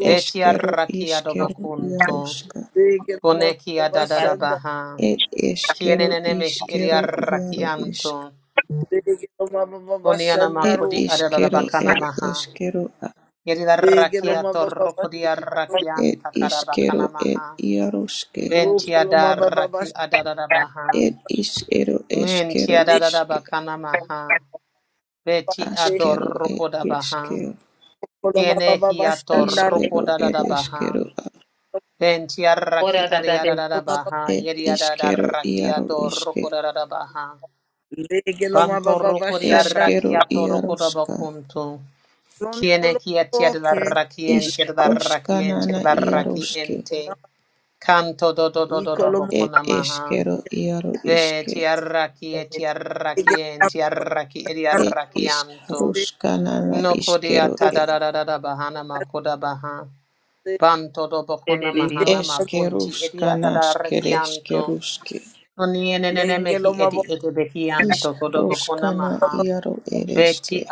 Speaker 1: lo
Speaker 2: Eskero,
Speaker 4: Betiaraki
Speaker 2: iskero
Speaker 4: adobokunto.
Speaker 2: jarusk
Speaker 1: leke lo
Speaker 4: Koneki
Speaker 1: mababa shanda
Speaker 4: adadadabaha.
Speaker 2: Ed ishkero
Speaker 4: Kienenene mehi
Speaker 1: leke lo
Speaker 2: iskero
Speaker 1: mababa
Speaker 4: eriaraki
Speaker 2: iaro
Speaker 4: anto.
Speaker 2: isk.
Speaker 1: leke lo mababa
Speaker 4: Koniana
Speaker 1: shanda
Speaker 2: Ed
Speaker 4: makudi
Speaker 1: ro
Speaker 2: iskero
Speaker 4: adadadabakana
Speaker 2: ed
Speaker 4: maha.
Speaker 2: ishkero a.
Speaker 1: leke
Speaker 4: Yeriaraki
Speaker 1: lo mababa
Speaker 4: atorokodi
Speaker 1: ro
Speaker 4: araki
Speaker 2: Ed
Speaker 4: anta
Speaker 2: ishkero
Speaker 4: karabakana
Speaker 2: ed
Speaker 4: maha.
Speaker 2: iaroshke.
Speaker 1: ro lo mababa
Speaker 4: Bentiadaraki adadadabaha.
Speaker 2: Ed iskero eshkero
Speaker 1: leke
Speaker 2: ishke.
Speaker 4: Mentiadadabakana maha. Beti
Speaker 2: Ashkero ed
Speaker 4: adorokodabaha.
Speaker 2: ishkero.
Speaker 1: lo lo
Speaker 4: Kienehi
Speaker 1: mababa shanda ro
Speaker 4: atoroko
Speaker 2: iskero ed
Speaker 4: dadadabaha.
Speaker 2: ishkero a.
Speaker 4: Venti arraki
Speaker 3: Ora da da de
Speaker 1: lo
Speaker 4: adiadada
Speaker 1: mababa
Speaker 4: baha,
Speaker 2: Ed
Speaker 4: yediadada
Speaker 2: ishkero
Speaker 4: raki
Speaker 2: iaro ishke.
Speaker 4: adorokodada baha.
Speaker 1: leke lo
Speaker 4: Banto
Speaker 1: mababa
Speaker 4: rokodi
Speaker 1: shanda
Speaker 4: arraki
Speaker 2: Eshkero
Speaker 4: atorokoda
Speaker 2: iaroshka.
Speaker 4: bakuntu.
Speaker 1: ro lo
Speaker 4: Kiene
Speaker 1: mababa
Speaker 4: kiatiadada
Speaker 1: okay
Speaker 4: raki
Speaker 2: Ishk
Speaker 4: entiadada
Speaker 2: roshka
Speaker 4: raki
Speaker 2: nana
Speaker 4: entiadada raki
Speaker 2: iaroshke.
Speaker 4: ente. Kanto do do do do do
Speaker 3: da
Speaker 1: ikolo
Speaker 2: Ed
Speaker 4: bokona maha.
Speaker 2: eshkero iaro ishke.
Speaker 4: Veti arraki eti
Speaker 3: de
Speaker 4: arraki
Speaker 1: leke lo
Speaker 4: enti arraki edi
Speaker 1: mababa
Speaker 2: Et
Speaker 4: arraki
Speaker 2: ish
Speaker 4: anto.
Speaker 2: rushkanana
Speaker 4: Nokodi
Speaker 2: ishkero
Speaker 4: atadada bahana makoda baha. Banto do
Speaker 3: de
Speaker 4: bokona
Speaker 3: de Dios
Speaker 4: mahana makunti edi
Speaker 2: Eskeruskana
Speaker 4: adadare kianto.
Speaker 2: skereskeruske.
Speaker 4: Unienene
Speaker 1: Lengelo
Speaker 4: mehi edi edi bekianto kodo bokona
Speaker 2: Iskaruskana
Speaker 4: maha.
Speaker 2: iaro
Speaker 4: Beti
Speaker 2: ereske.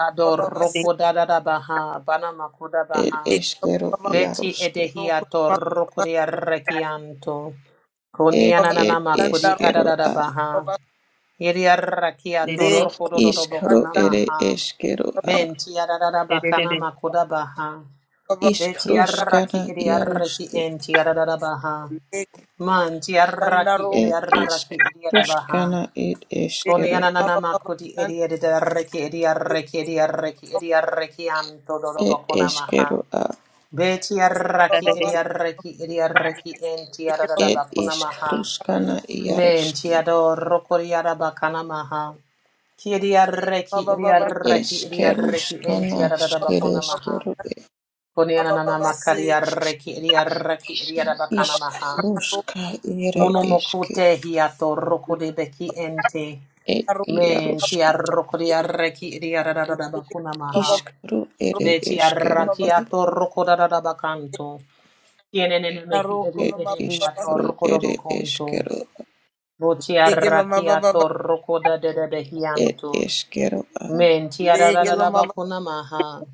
Speaker 3: de
Speaker 1: mabababababase,
Speaker 4: adoroko dadada baha, bana makuda
Speaker 2: Ed
Speaker 4: baha.
Speaker 1: lengelo
Speaker 2: eskero
Speaker 4: Beti
Speaker 2: iaroske.
Speaker 4: edehi atoroko di arrekianto.
Speaker 2: Ed ed
Speaker 4: Kunianana makudi
Speaker 1: mababababababashandarobaba,
Speaker 2: eskero
Speaker 4: adadada
Speaker 2: a.
Speaker 4: baha. edi
Speaker 3: de
Speaker 4: arrakiato
Speaker 3: Dios
Speaker 4: roko dodo
Speaker 2: Iskaro
Speaker 4: bokona
Speaker 1: lekashandabababa,
Speaker 2: ere
Speaker 4: maha.
Speaker 2: eskero a.
Speaker 4: Benti adadada
Speaker 3: de de de
Speaker 4: bakana
Speaker 3: de
Speaker 4: makuda baha. Betiaraki
Speaker 2: Iskaruskana
Speaker 4: idiaraki
Speaker 2: iaroske.
Speaker 4: en tiaradabaha. Man tiaraki
Speaker 1: lekashandaro,
Speaker 2: Ed
Speaker 4: idiaraki idiarabaha.
Speaker 2: iskaruskana ed eskero e.
Speaker 4: Koniananama kudi idiadaraki idiaraki idiaraki idiaraki
Speaker 2: Ed
Speaker 4: antodorobakunamaha.
Speaker 2: eskero a.
Speaker 3: da
Speaker 4: Betiaraki
Speaker 3: de de de
Speaker 4: idiaraki idiaraki en
Speaker 2: Ed
Speaker 4: tiaradabakunamaha.
Speaker 2: iskaruskana
Speaker 4: Men
Speaker 2: iaroske.
Speaker 4: tiadorokoriarabakanamaha. Kiediaraki idiaraki idiaraki en
Speaker 2: Eskeruskana
Speaker 4: tiaradabakunamaha.
Speaker 2: skereskero e.
Speaker 4: Konianana makaria reki iria reki iria da bakana
Speaker 2: Ishk
Speaker 4: maha.
Speaker 2: rushka ere eshke
Speaker 4: Monomokute hiato roko de beki ente.
Speaker 2: e
Speaker 4: Menti
Speaker 2: yarushket.
Speaker 4: arroko di arreki iria rada bakuna maha.
Speaker 2: Ishk ere
Speaker 4: Beti
Speaker 2: eshkero
Speaker 4: arraki
Speaker 2: ere
Speaker 4: ato roko da da da bakanto. Tienene meki iri
Speaker 2: e
Speaker 4: iri
Speaker 2: ishk
Speaker 4: hiato roko da
Speaker 2: ere
Speaker 4: bakonto.
Speaker 2: eshkero
Speaker 4: Boti
Speaker 1: legelo
Speaker 4: arraki
Speaker 1: mabababa,
Speaker 4: ato roko da de de
Speaker 2: e
Speaker 4: behianto.
Speaker 2: eshkero a
Speaker 4: Menti
Speaker 1: legelo
Speaker 4: arada
Speaker 1: mabababa,
Speaker 4: bakuna maha.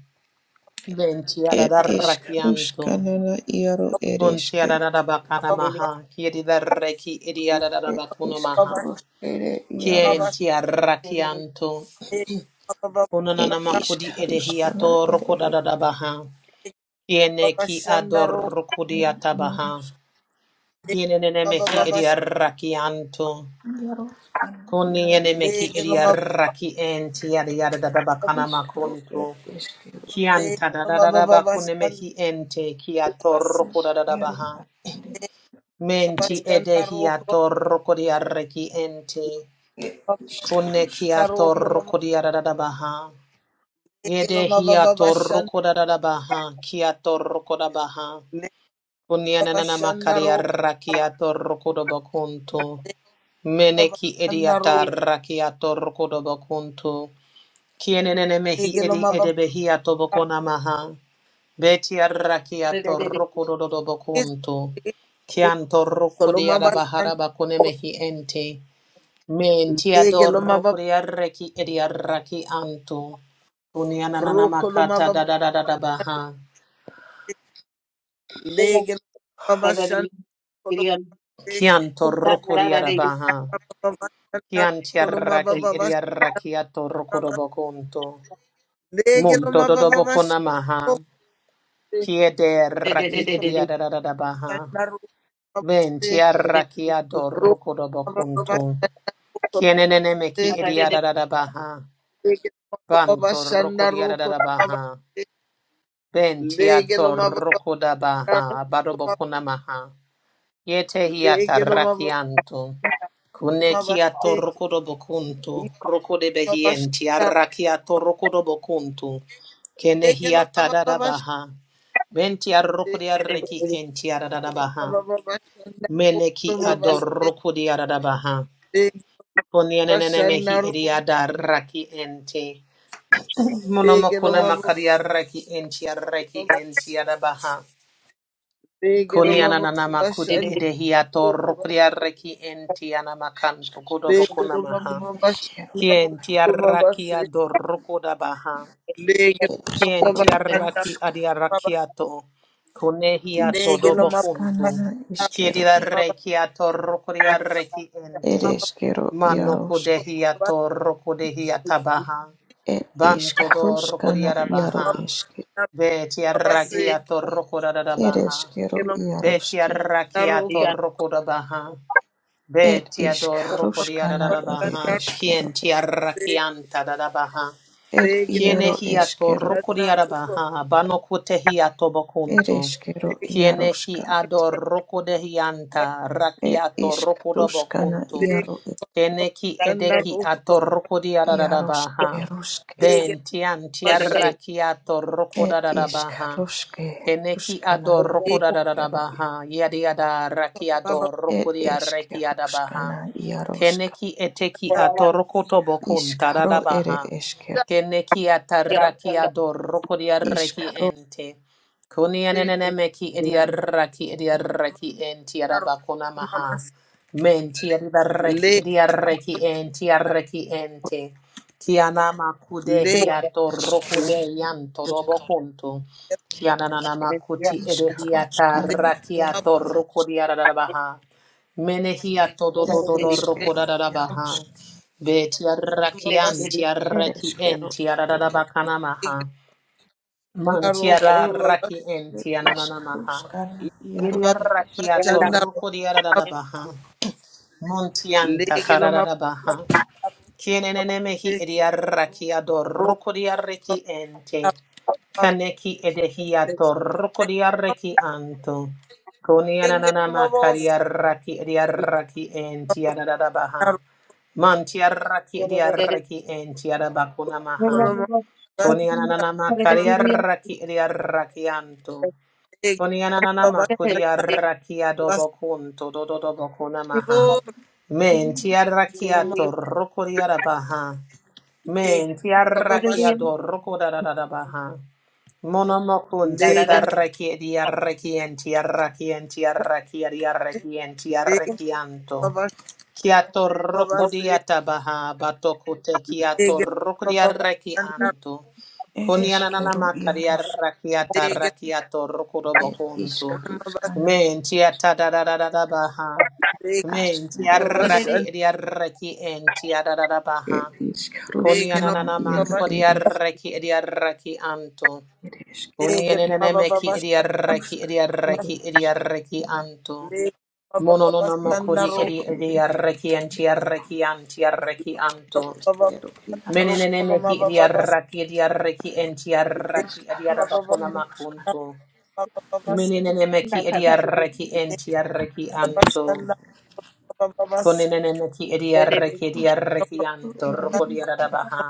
Speaker 4: Benti
Speaker 2: e et
Speaker 4: arada
Speaker 2: ishk rushka
Speaker 4: rakianto.
Speaker 2: nana yaro ereshke
Speaker 4: Kuntiarabakana maha, kiedireki
Speaker 2: e
Speaker 4: idiarabakuna
Speaker 2: ishk
Speaker 4: maha,
Speaker 2: rush ere yarush
Speaker 4: kientiarakianto,
Speaker 2: e
Speaker 4: unanana
Speaker 2: ishk
Speaker 4: makudi
Speaker 2: rushka na
Speaker 4: edehiato
Speaker 2: ere
Speaker 4: rokodadabaha, kieneki
Speaker 2: eshkero
Speaker 4: adorokudiatabaha,
Speaker 2: yarush
Speaker 4: kienenemeki
Speaker 1: Legelo
Speaker 4: idiarakianto,
Speaker 2: yarushka na yaro ere
Speaker 4: kunienemeki idiaraki enti adiarabakana
Speaker 2: ishk ru
Speaker 4: makunto,
Speaker 2: eshkero yaro
Speaker 4: kiantadadabakunemehi ente,
Speaker 2: ero a
Speaker 4: kiatorrokodadabaha,
Speaker 2: ere
Speaker 4: Menti edehiator rokodiareki ente.
Speaker 2: et ishk
Speaker 4: Kunekiator
Speaker 1: Koloma
Speaker 4: rokodarabaha. Yedehiator rokodarabaha. Kiator rokodabaha. Kunyanana makariarakiator rokodobakunto. Meneki ediatarakiator rokodobakunto. Kienene mehi edi edebehiatobokona maha. Beti arrakiato rokododo bocunto. Chianto rocodi arabahara baconemehi ente. Mentiador rocodi arreki edi arraki anto. Uniananamakata da da da da da baha. Chianto rocodi
Speaker 3: de
Speaker 4: arabaha. Chianti arraki
Speaker 1: baba
Speaker 4: edi
Speaker 1: baba
Speaker 4: arrakiato rocodo bocunto.
Speaker 1: Lege lo
Speaker 4: Monto dodo
Speaker 1: mababa basha
Speaker 4: boconamaha.
Speaker 1: roseke.
Speaker 4: Chiede arraki
Speaker 1: Iko
Speaker 4: edi arada baha.
Speaker 1: sanda rupa
Speaker 4: Venti
Speaker 1: baseke.
Speaker 4: arrakiato
Speaker 1: Rupa
Speaker 4: rocodo
Speaker 1: mababa basha
Speaker 4: bocunto. Kienenene meki
Speaker 1: roseke.
Speaker 4: idiarara baha.
Speaker 1: Lege lo mababa
Speaker 4: Banto
Speaker 1: basha
Speaker 4: roko
Speaker 1: nda roko
Speaker 4: diarara
Speaker 1: mababa
Speaker 4: baha.
Speaker 1: baseke. Lege lo
Speaker 4: Bentiato
Speaker 1: mababa
Speaker 4: roko
Speaker 1: basha roko mababa
Speaker 4: Badobokuna maha. Yete hiata
Speaker 1: Lege lo mababa
Speaker 4: rakianto. Kune
Speaker 1: mababa
Speaker 4: kiato
Speaker 1: baseke.
Speaker 4: roko do bokunto.
Speaker 1: Iko
Speaker 4: Roko de
Speaker 1: mababa basha nda
Speaker 4: behienti arrakiato roko do bokunto. Kene
Speaker 1: Lege lo mababa basha
Speaker 4: Bentia roko
Speaker 1: roseke.
Speaker 4: diarreki
Speaker 1: Iko
Speaker 4: entiarara
Speaker 1: lo
Speaker 4: baha.
Speaker 1: mababa basha nda roko
Speaker 4: Meneki
Speaker 1: mababa
Speaker 4: ador
Speaker 1: baseke.
Speaker 4: roko diarara baha.
Speaker 1: Lege basha nda
Speaker 4: mehi
Speaker 1: roko.
Speaker 4: idiada ente.
Speaker 1: Lege
Speaker 4: Monomokona makaria reki entia reki entia rabaha.
Speaker 1: lo
Speaker 4: Koniana nana
Speaker 1: mababa basha
Speaker 4: makudi edehiato rukria reki entia namakanto
Speaker 2: Ruska,
Speaker 1: Lege, lege,
Speaker 4: kodobokona maha.
Speaker 2: iškero.
Speaker 4: Kien tia raki adoruko dabaha. Kien
Speaker 2: Eskero,
Speaker 4: tia raki
Speaker 2: Yaroska,
Speaker 4: adiarakiato. Konehiato
Speaker 2: Iskaruska,
Speaker 4: dobokuntu.
Speaker 2: Nana, Iskero,
Speaker 4: Kiedia
Speaker 2: e,
Speaker 4: reki atorukria reki
Speaker 2: Ed
Speaker 4: ente.
Speaker 2: iškero,
Speaker 4: Mano
Speaker 2: Yaroske,
Speaker 4: kodehiato rukodehiatabaha.
Speaker 2: Ed
Speaker 4: Banto do
Speaker 2: Iskaruska, Na,
Speaker 4: rukria
Speaker 2: Yaro,
Speaker 4: rabaha.
Speaker 2: Eske,
Speaker 4: Betiarakia
Speaker 2: Ed
Speaker 4: torrokodadabaha.
Speaker 2: Eskero, Yaroske,
Speaker 4: Betiarakia torrokodabaha.
Speaker 2: Ed Iskaruska, Na, Ed
Speaker 4: Betiadorokodiadadabaha.
Speaker 2: Eskero,
Speaker 4: Kien tiarakianta dadabaha.
Speaker 2: Ed
Speaker 4: Kiene
Speaker 2: Yaro,
Speaker 1: lege,
Speaker 4: hia
Speaker 2: iškero,
Speaker 4: torrokodiadabaha. Banokote hia
Speaker 2: Ed
Speaker 4: tobokuntu.
Speaker 2: iškero.
Speaker 4: Kiene ki
Speaker 2: Yaroska,
Speaker 4: adorrokodehianta.
Speaker 2: Ed
Speaker 4: Rakia
Speaker 2: Iskaruska, Na,
Speaker 4: torrokodobokuntu.
Speaker 2: Yaro,
Speaker 4: Keneki edeki atoroko di adadadabaha.
Speaker 2: Yaroske,
Speaker 4: Ben tian tiaraki atoroko
Speaker 2: It is
Speaker 4: dadadabaha.
Speaker 2: Karoske
Speaker 4: Keneki
Speaker 2: Ruskanana
Speaker 4: adoroko
Speaker 2: Iskero
Speaker 4: dadadabaha. Yadi adaraki
Speaker 2: It
Speaker 4: adoroko di
Speaker 2: is
Speaker 4: areki adabaha.
Speaker 2: Keruskana Yaroska
Speaker 4: Keneki eteki atoroko tobokun
Speaker 2: Iskaro Ere
Speaker 4: tadadabaha.
Speaker 2: Eskero
Speaker 4: Keneki ataraki adoroko di areki
Speaker 2: Iskaro
Speaker 4: ente. Kunianene meki ediaraki ediaraki enti adabakuna maha. Menti arrivarreki diarreki enti arreki ente. Kianama kudehi atorroku de yanto dobo kuntu. Kiananama kuti edehi
Speaker 2: Iskaroskana
Speaker 4: atarraki
Speaker 2: Yaro Ere
Speaker 4: atorroku diaradabaha. Menehi
Speaker 2: It is
Speaker 4: atodododorroku
Speaker 2: Kero
Speaker 4: dadadabaha.
Speaker 2: Yarosk
Speaker 4: Beti arraki
Speaker 1: lege,
Speaker 4: anti
Speaker 2: It
Speaker 4: arreki
Speaker 2: is Kero
Speaker 4: enti aradadabakanamaha. Manti
Speaker 1: Laroko Baba
Speaker 4: arraki
Speaker 2: It
Speaker 4: enti
Speaker 2: is
Speaker 4: ananamaha.
Speaker 2: Karuskana
Speaker 4: Yeri
Speaker 2: Yaro
Speaker 1: Ikonoma
Speaker 2: Eresk
Speaker 4: arraki
Speaker 1: Baba Chanda
Speaker 4: atorroku
Speaker 1: Baba
Speaker 4: diaradabaha. Montianta
Speaker 1: Lege Loma Baba
Speaker 4: kararabaha. Kienenene mehi
Speaker 1: Leke
Speaker 4: ediarraki
Speaker 1: Roka
Speaker 4: adorroko diarreki ente.
Speaker 3: Yeah.
Speaker 1: Baba
Speaker 4: Kaneki edehiato roko diarreki anto.
Speaker 1: Lenge
Speaker 4: Koniananama
Speaker 1: Loma Bos
Speaker 4: kariarraki ediarraki enti adarabaha.
Speaker 1: Laroko
Speaker 4: Mantiarraki ediarraki enti adabakunamaha.
Speaker 1: Loma Baba Chanda
Speaker 4: Koniananama
Speaker 1: Loma
Speaker 4: kariarraki ediarraki anto.
Speaker 1: Lege
Speaker 4: Konianana
Speaker 1: Baba
Speaker 4: makudia rakia
Speaker 1: Bas
Speaker 4: dobo kunto dodo dobo kunamaha.
Speaker 1: Loriko
Speaker 4: Men tia rakia
Speaker 1: Loma
Speaker 4: to rokodia rabaha.
Speaker 1: Lege
Speaker 4: Men tia
Speaker 1: Baba Bas
Speaker 4: rakia do rokoda rabaha. Monomokun tia da
Speaker 1: Lege
Speaker 4: rakia dia rakien tia rakien tia rakia dia rakien tia
Speaker 1: Lege
Speaker 4: rakianto.
Speaker 1: Baba
Speaker 4: Kia
Speaker 1: Baba
Speaker 4: torroko dia
Speaker 1: Se
Speaker 4: tabaha, batoko te kia
Speaker 1: Lege
Speaker 4: torroko dia
Speaker 1: Baba
Speaker 4: reki
Speaker 1: Chanda
Speaker 4: anto.
Speaker 2: It
Speaker 4: Koni
Speaker 2: is
Speaker 4: ananana
Speaker 2: Kero
Speaker 4: makaria
Speaker 2: Yaros
Speaker 4: rakiata
Speaker 1: Lege
Speaker 4: rakiato rokurobo
Speaker 2: It is
Speaker 4: kuntu.
Speaker 1: Loma Bas
Speaker 2: Karuskana
Speaker 4: Men tiata da da da da da baha.
Speaker 1: Lege
Speaker 4: Men tia
Speaker 2: Askero
Speaker 1: Baba
Speaker 2: Yaros
Speaker 4: raki
Speaker 1: Chanda
Speaker 4: ria raki en tia dadada baha.
Speaker 2: It is
Speaker 4: Koni
Speaker 1: Lege Loma
Speaker 2: Karuskana
Speaker 4: ananana
Speaker 2: Yaro
Speaker 1: Baba
Speaker 4: makaria
Speaker 2: Eres
Speaker 4: raki ria anto.
Speaker 2: It is quiero
Speaker 4: Koni
Speaker 1: Lege
Speaker 4: ananana
Speaker 1: Baba
Speaker 4: meki
Speaker 1: Baba
Speaker 4: ria raki
Speaker 2: Yaruska.
Speaker 4: ria
Speaker 2: It is
Speaker 4: anto.
Speaker 1: Lege
Speaker 4: Mononoma
Speaker 2: it
Speaker 4: kodi
Speaker 2: is
Speaker 4: edi
Speaker 2: it is quiero
Speaker 4: edi arreki anti arreki anti arreki anto.
Speaker 2: Yaruska. It
Speaker 4: Menenene meki edi
Speaker 2: is
Speaker 4: arraki edi arreki anti arraki
Speaker 2: Yaruska
Speaker 4: edi arabakona
Speaker 2: Yaruska.
Speaker 4: makunto. Menenene meki edi arreki anti arreki anto. Konenene meki edi arreki edi arreki anto.
Speaker 2: It is
Speaker 4: Roko di aradabaha.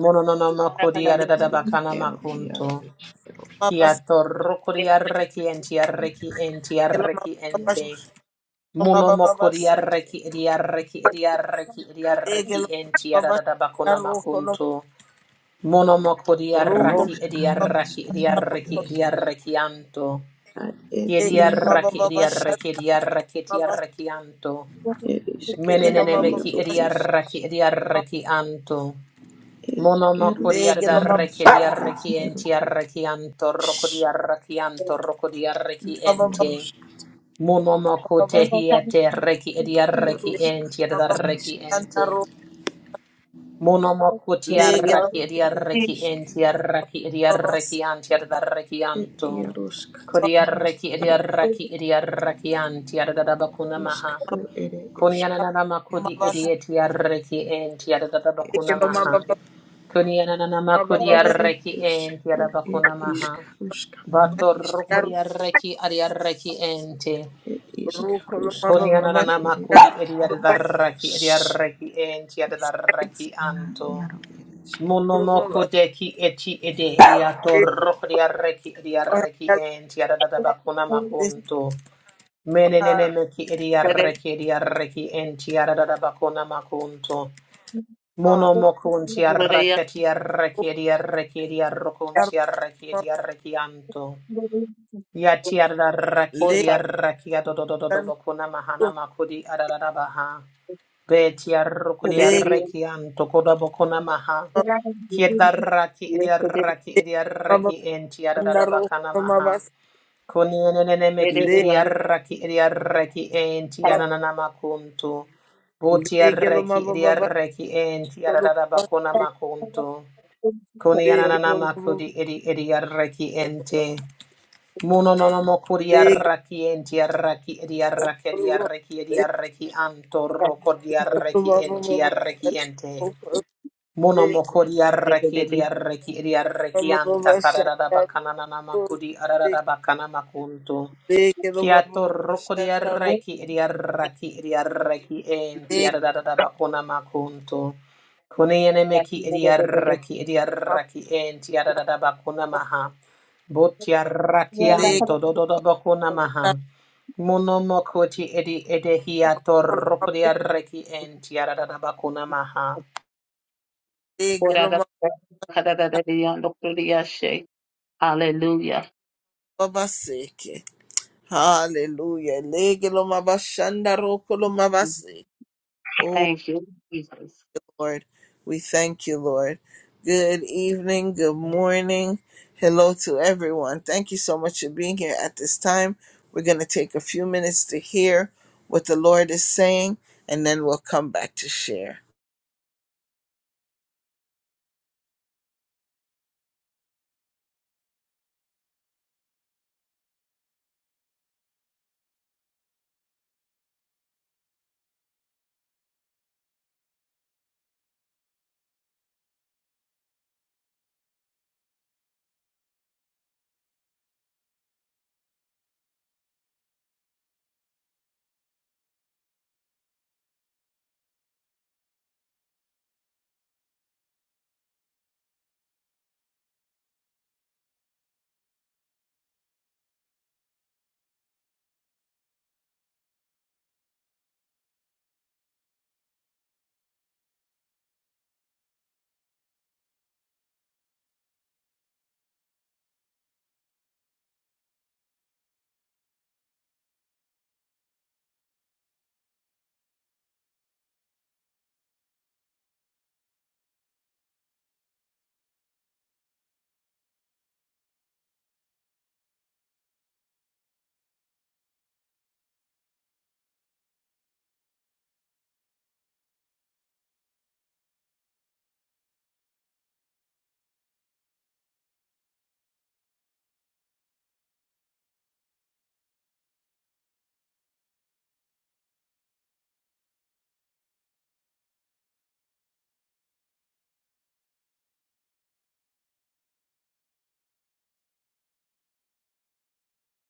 Speaker 4: Mononoma kodi
Speaker 2: it is
Speaker 4: aradabakana
Speaker 2: quiero
Speaker 4: makunto.
Speaker 2: Yaruska
Speaker 4: Kia torroko di arreki anti arreki anti arreki ente. Monomokori yarreki idiarreki idiarreki idiarreki enti yadada bakuna makunto. Monomokori yarraki
Speaker 2: Yaruska
Speaker 4: idiarreki
Speaker 2: Yaruska.
Speaker 4: idiarreki idiarreki anto.
Speaker 2: It is at it quiero
Speaker 4: Idiarreki
Speaker 2: Yaruska.
Speaker 4: idiarreki idiarreki idiarreki anto.
Speaker 2: It is quiero
Speaker 4: Menenene meki
Speaker 2: Yaruska.
Speaker 4: idiarreki idiarreki anto.
Speaker 2: It is
Speaker 4: Monoma
Speaker 2: Yaruska
Speaker 4: curiarda
Speaker 2: nas.
Speaker 4: reki
Speaker 2: It is
Speaker 4: diarreki enti arreki antorroco diarreki antorroco diarreki enti. Monoma cotehiate reki diarreki enti adarreki enti. Monoma cotiarraki
Speaker 2: Iskru ere
Speaker 4: diarreki enti
Speaker 2: eskero.
Speaker 4: arreki diarreki anti adarreki
Speaker 2: Et
Speaker 4: anto.
Speaker 2: iaroskatana
Speaker 4: Curiarreki
Speaker 2: eskero.
Speaker 3: Yeah.
Speaker 4: diarreki diarreki anti adadabacuna maha.
Speaker 2: Iskaru ere eskero.
Speaker 4: Kunianana makudi
Speaker 1: Legal,
Speaker 2: Iarosk
Speaker 4: idioti arreki enti adada bakuna
Speaker 2: eskero.
Speaker 4: maha. Kunianana makudi
Speaker 3: Hallelujah.
Speaker 2: Et
Speaker 4: arreki enti
Speaker 2: iskaru
Speaker 4: adada
Speaker 2: et
Speaker 4: bakuna maha.
Speaker 2: iskaruskana
Speaker 4: Batorukuri
Speaker 2: eskero.
Speaker 4: arreki adi arreki ariarreki enti.
Speaker 2: Et iskaruskana
Speaker 4: Kunianana
Speaker 2: ere
Speaker 4: makudi idi
Speaker 2: eskero.
Speaker 4: adada raki idi arreki enti adada raki
Speaker 2: Iskaruskana
Speaker 4: anto.
Speaker 2: iaro ere eskero.
Speaker 4: Monomokudeki eti edehi atorukuri arreki idi arreki enti adada bakuna makunto. Menenemeki idiarreki idiarreki entiarabakuna makunto. Mono mokunti arraketi arreki idiarreki idiarrokunti arreki idiarreki anto. Yatiarraki idiarreki adodododobakuna mahana makudi adarabaha. Betiarukuriaraki antokodabokona maha. Kiedaraki idiaraki idiaraki entiaradabakana maha. Kunianenemeki idiaraki idiaraki entiananamakuntu. Butiaraki idiaraki entiaradabakona makuntu. Kuniananamakudi idi idiaraki ente. Mono no no mo kuri arraki enti arraki edi arraki edi arraki edi arraki anto roko di arraki enti arraki ente. Mono mokori arraki edi arraki edi arraki anta kararara bakana nana
Speaker 1: Hallelujah.
Speaker 4: makudi ararara bakana makuntu. Kiato
Speaker 1: Oh
Speaker 4: roko di arraki edi arraki edi arraki enti ararara bakona makuntu. Kone yene meki edi arraki edi arraki enti ararara bakona maha. Boti arraki anto dododo bakona maha. Mono mokoti edi edehi ato roko di arraki enti ararara bakona maha.
Speaker 3: Thank you, Jesus.
Speaker 1: Lord, we thank you, Lord. Good evening, good morning. Hello to everyone. Thank you so much for being here at this time. We're going to take a few minutes to hear what the Lord is saying, and then we'll come back to share.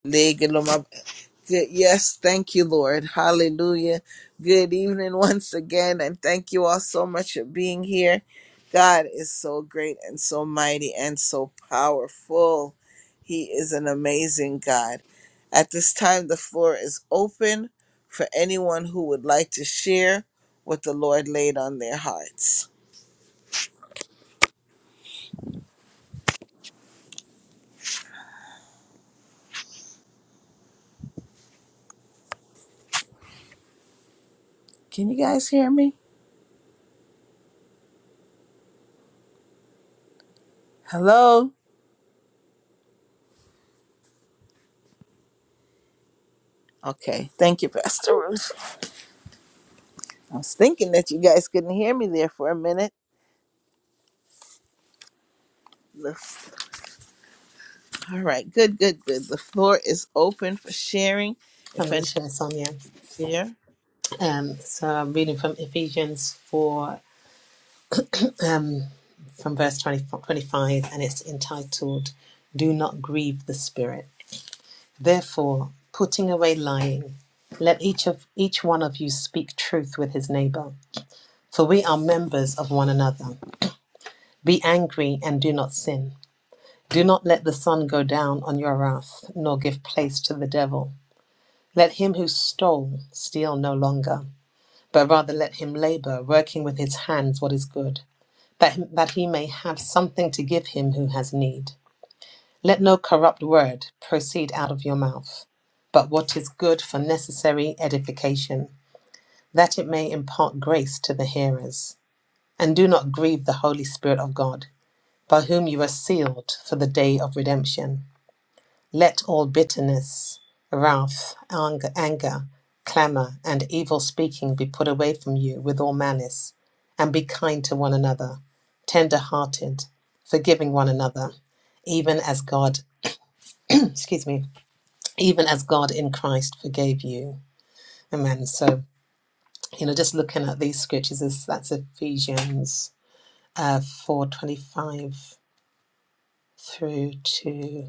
Speaker 1: Leg Good. Yes, thank you, Lord. Hallelujah. Good evening once again, and thank you all so much for being here. God is so great and so mighty and so powerful. He is an amazing God. At this time, the floor is open for anyone who would like to share what the Lord laid on their hearts. Can you guys hear me? Hello? Okay. Thank you, Pastor Ruth. I was thinking that you guys couldn't hear me there for a minute. The, all right, good, good, good. The floor is open for sharing.
Speaker 4: I
Speaker 1: If
Speaker 4: want to
Speaker 1: anyone
Speaker 4: share, Sonia.
Speaker 1: there,
Speaker 4: Um, so I'm reading from Ephesians 4, um, from verse 20 25, and it's entitled, Do Not Grieve the Spirit. Therefore, putting away lying, let each of each one of you speak truth with his neighbor, for we are members of one another. Be angry and do not sin. Do not let the sun go down on your wrath, nor give place to the devil. Let him who stole steal no longer but rather let him labor, working with his hands what is good, that, him, that he may have something to give him who has need. Let no corrupt word proceed out of your mouth, but what is good for necessary edification, that it may impart grace to the hearers. And do not grieve the Holy Spirit of God, by whom you are sealed for the day of redemption. Let all bitterness, wrath, anger, anger, clamor, and evil speaking be put away from you with all malice, and be kind to one another, tender hearted, forgiving one another, even as God, excuse me, even as God in Christ forgave you. Amen. So, you know, just looking at these scriptures, is that's Ephesians uh, 4 twenty-five through to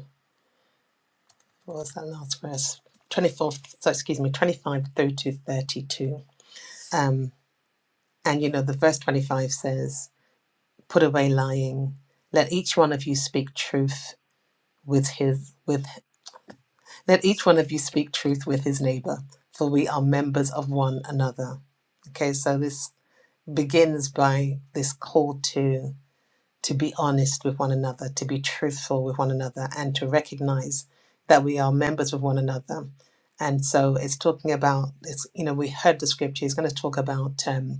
Speaker 4: what was that last verse? 24, so excuse me, 25 through to 32. Um, and you know, the verse 25 says, Put away lying. Let each one of you speak truth with his, with, let each one of you speak truth with his neighbor, for we are members of one another. Okay, so this begins by this call to to be honest with one another, to be truthful with one another, and to recognize that we are members of one another. And so it's talking about, it's, you know, we heard the scripture, It's going to talk about. um,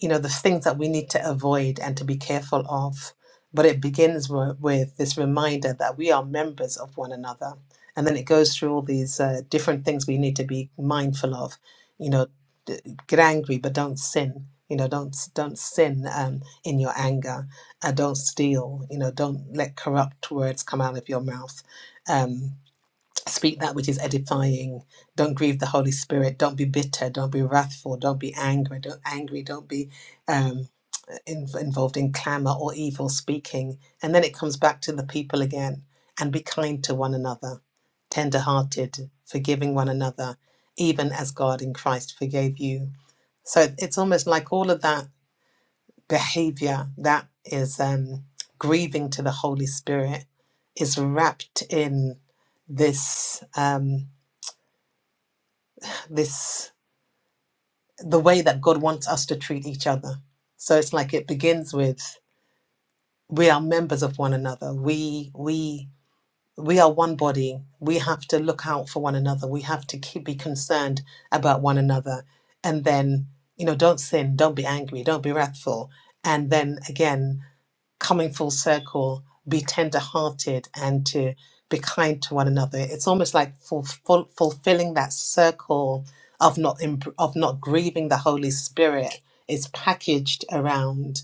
Speaker 4: you know, the things that we need to avoid and to be careful of. But it begins wi- with this reminder that we are members of one another. And then it goes through all these uh, different things we need to be mindful of. You know, d- get angry, but don't sin. You know, don't don't sin um, in your anger. Uh, don't steal. You know, don't let corrupt words come out of your mouth. Um, Speak that which is edifying. Don't grieve the Holy Spirit. Don't be bitter. Don't be wrathful. Don't be angry. Don't angry. Don't be um, in, involved in clamor or evil speaking. And then it comes back to the people again. And be kind to one another, tender-hearted, forgiving one another, even as God in Christ forgave you. So it's almost like all of that behavior that is um, grieving to the Holy Spirit is wrapped in this. Um, this the way that God wants us to treat each other. So it's like it begins with we are members of one another. We we we are one body. We have to look out for one another. We have to keep, be concerned about one another. And then, you know, don't sin, don't be angry, don't be wrathful. And then again, coming full circle, be tender hearted and to be kind to one another. It's almost like ful- ful- fulfilling that circle of not imp- of not grieving the Holy Spirit is packaged around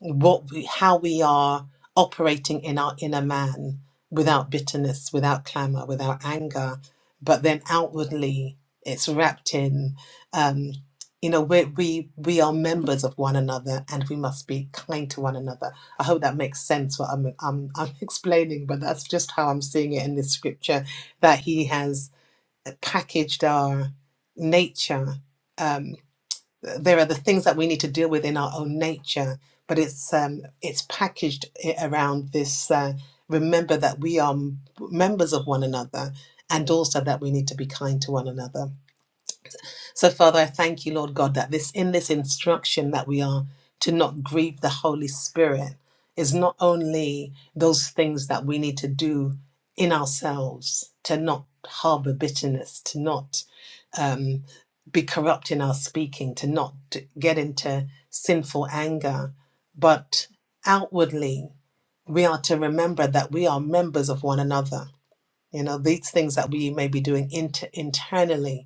Speaker 4: what we, how we are operating in our inner man without bitterness, without clamor, without anger, but then outwardly it's wrapped in, um, you know, we we we are members of one another and we must be kind to one another. I hope that makes sense what I'm I'm, I'm explaining, but that's just how I'm seeing it in this scripture that he has packaged our nature um, there are the things that we need to deal with in our own nature, but it's um, it's packaged i- around this. Uh, remember that we are m- members of one another, and also that we need to be kind to one another. So, Father, I thank you, Lord God, that this in this instruction that we are to not grieve the Holy Spirit is not only those things that we need to do in ourselves to not harbor bitterness, to not um, be corrupt in our speaking, to not t- get into sinful anger, but outwardly we are to remember that we are members of one another. You know, these things that we may be doing inter- internally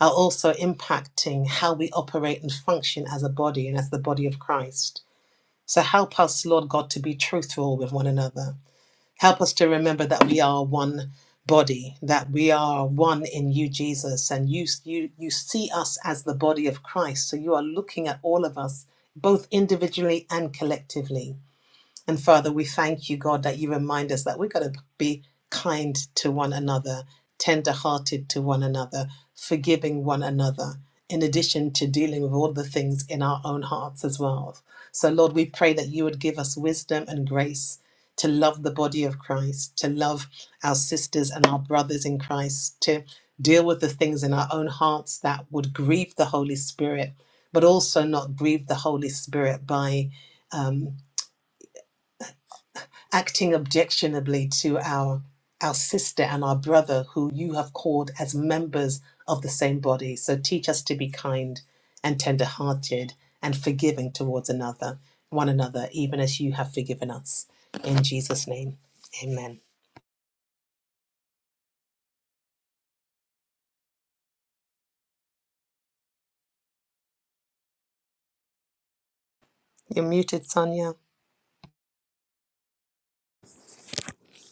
Speaker 4: are also impacting how we operate and function as a body and as the body of Christ. So help us, Lord God, to be truthful with one another. Help us to remember that we are one body, that we are one in you, Jesus, and you, you, you see us as the body of Christ. So you are looking at all of us, both individually and collectively. And Father, we thank you, God, that you remind us that we've got to be kind to one another, tender hearted to one another, forgiving one another, in addition to dealing with all the things in our own hearts as well. So, Lord, we pray that you would give us wisdom and grace to love the body of Christ, to love our sisters and our brothers in Christ, to deal with the things in our own hearts that would grieve the Holy Spirit, but also not grieve the Holy Spirit by. um, acting objectionably to our our sister and our brother who you have called as members of the same body so teach us to be kind and tender-hearted and forgiving towards another one another even as you have forgiven us in jesus name amen you're muted sonia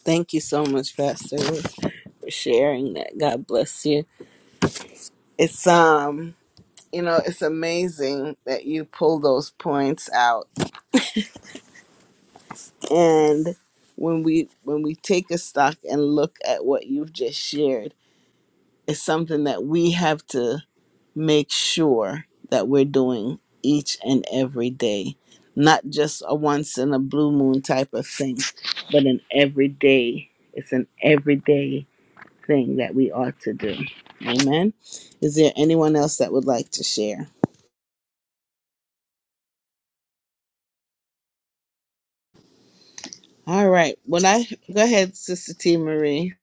Speaker 1: Thank you so much, Pastor, Ruth, for sharing that. God bless you. It's um, you know, it's amazing that you pull those points out. And when we when we take a stock and look at what you've just shared, it's something that we have to make sure that we're doing each and every day, not just a once in a blue moon type of thing, but an everyday. It's an everyday thing that we ought to do. Amen. Is there anyone else that would like to share? All right. Well, I go ahead, Sister T Marie.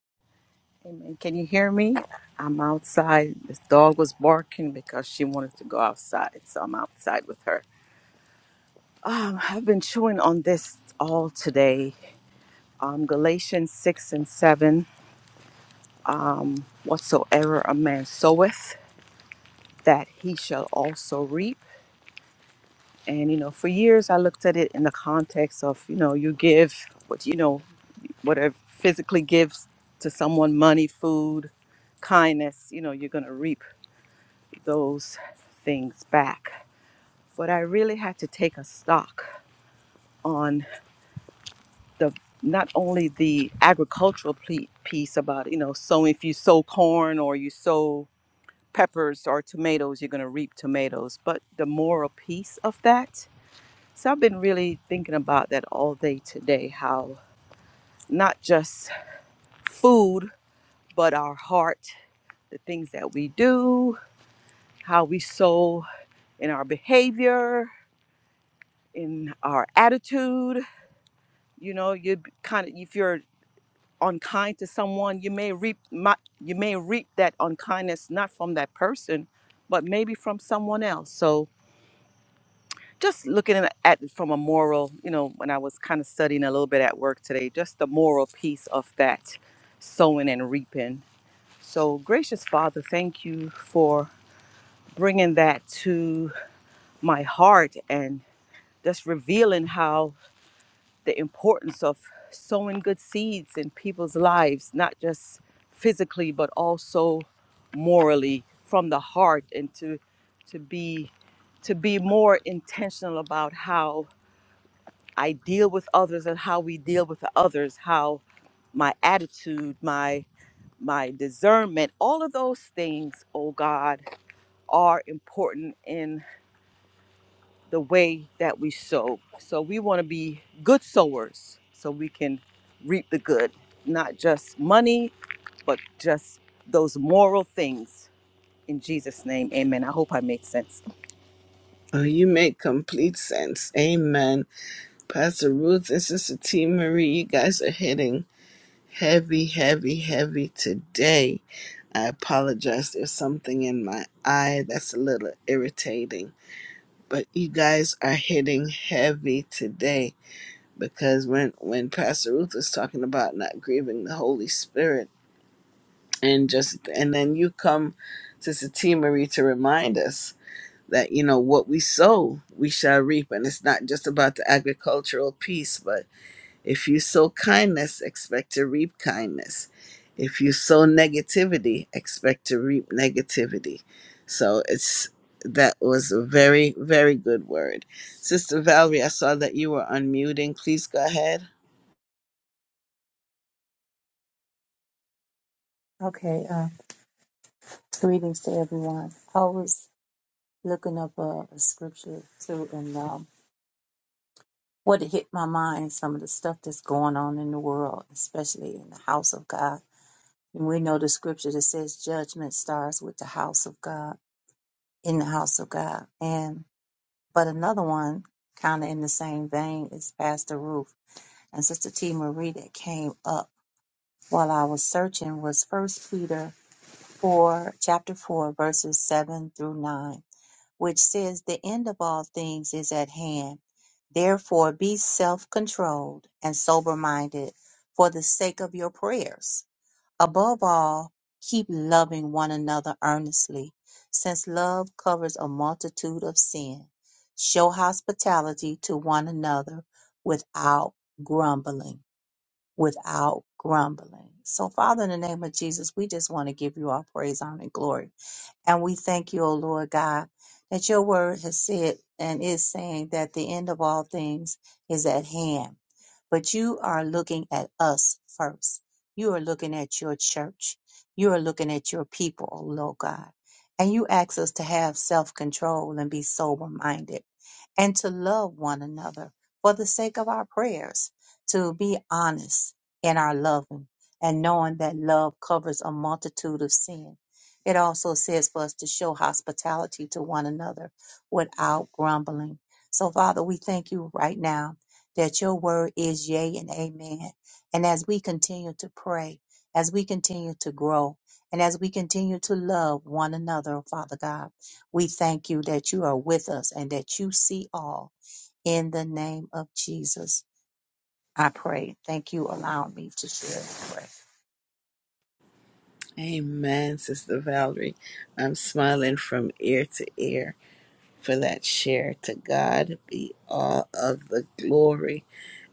Speaker 2: Amen. Can you hear me? I'm outside. This dog was barking because she wanted to go outside, so I'm outside with her. Um, I've been chewing on this all today. Um, Galatians 6 and 7 Whatsoever a man soweth, that he shall also reap. And, you know, for years I looked at it in the context of, you know, you give what, you know, whatever physically gives to someone money, food, kindness, you know, you're going to reap those things back. But I really had to take a stock on. the not only the agricultural ple- piece about you know so if you sow corn or you sow peppers or tomatoes you're going to reap tomatoes but the moral piece of that so i've been really thinking about that all day today how not just food but our heart the things that we do how we sow in our behavior in our attitude you know you kind of if you're unkind to someone, you may reap my, you may reap that unkindness not from that person, but maybe from someone else. So just looking at at it from a moral, you know, when I was kind of studying a little bit at work today, just the moral piece of that sowing and reaping. So gracious Father, thank you for bringing that to my heart and just revealing how the importance of sowing good seeds in people's lives, not just physically, but also morally from the heart and to to be to be more intentional about how I deal with others and how we deal with others, how my attitude, my my discernment, all of those things, oh God, are important in the way that we sow. So we want to be good sowers so we can reap the good, not just money, but just those moral things. In Jesus' name, amen. I hope I made sense.
Speaker 1: Oh, you make complete sense. Amen. Pastor Ruth and Sister T Marie, you guys are hitting heavy, heavy, heavy today. I apologize. There's something in my eye that's a little irritating. But you guys are hitting heavy today because when when Pastor Ruth was talking about not grieving the Holy Spirit and just and then you come Sister T Marie to remind us that you know what we sow we shall reap and it's not just about the agricultural piece but. If you sow kindness, expect to reap kindness. If you sow negativity, expect to reap negativity. So it's that was a very, very good word. Sister Valerie, I saw that you were unmuting. Please go ahead.
Speaker 5: Okay, uh, greetings to everyone. I was looking up a, a scripture too, and um, what it hit my mind some of the stuff that's going on in the world, especially in the house of God. And we know the scripture that says judgment starts with the house of God, in the house of God. And but another one, kind of in the same vein, is Pastor Ruth and Sister T. Marie that came up while I was searching was First Peter four, chapter four, verses seven through nine which says the end of all things is at hand. Therefore, be self controlled and sober minded for the sake of your prayers. Above all, keep loving one another earnestly, since love covers a multitude of sin. Show hospitality to one another without grumbling. Without grumbling. So, Father, in the name of Jesus, we just want to give you our praise, honor, and glory. And we thank you, O Lord God, that your word has said and is saying that the end of all things is at hand but you are looking at us first. You are looking at your church. You are looking at your people, O Lord God. And you ask us to have self control and be sober minded and to love one another for the sake of our prayers, to be honest in our loving and knowing that love covers a multitude of sin. It also says for us to show hospitality to one another without grumbling. So, Father, we thank you right now that your word is yea and amen. And as we continue to pray, as we continue to grow, and as we continue to love one another, Father God, we thank you that you are with us and that you see all. In the name of Jesus, I pray. Thank you, Allow me to share and pray.
Speaker 1: Amen, Sister Valerie. I'm smiling from ear to ear for that share. To God be all of the glory.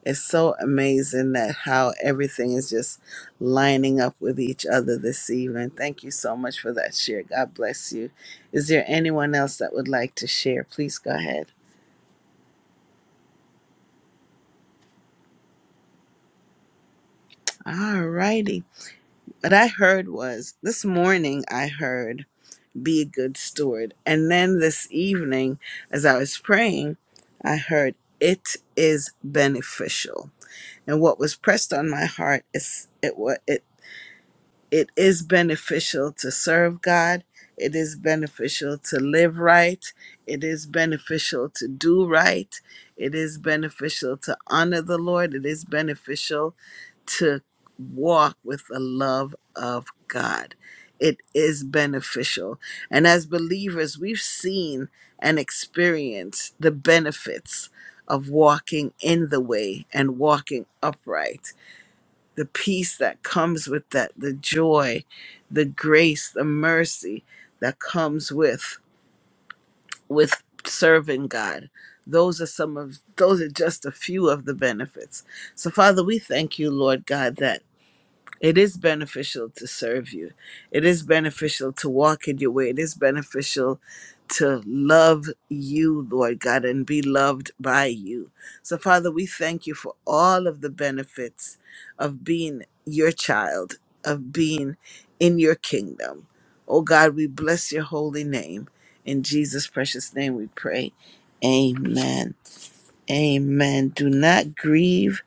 Speaker 1: It's so amazing that how everything is just lining up with each other this evening. Thank you so much for that share. God bless you. Is there anyone else that would like to share? Please go ahead. All righty. What I heard was this morning, I heard be a good steward. And then this evening, as I was praying, I heard it is beneficial. And what was pressed on my heart is it was. it is beneficial to serve God. It is beneficial to live right. It is beneficial to do right. It is beneficial to honor the Lord. It is beneficial to walk with the love of God. It is beneficial. And as believers, we've seen and experienced the benefits of walking in the way and walking upright the peace that comes with that, the joy, the grace, the mercy that comes with with serving God. Those are some of those are just a few of the benefits. So Father, we thank you, Lord God, that it is beneficial to serve you. It is beneficial to walk in your way. It is beneficial to love you, Lord God, and be loved by you. So, Father, we thank you for all of the benefits of being your child, of being in your kingdom. Oh God, we bless your holy name. In Jesus' precious name we pray. Amen. Amen. Do not grieve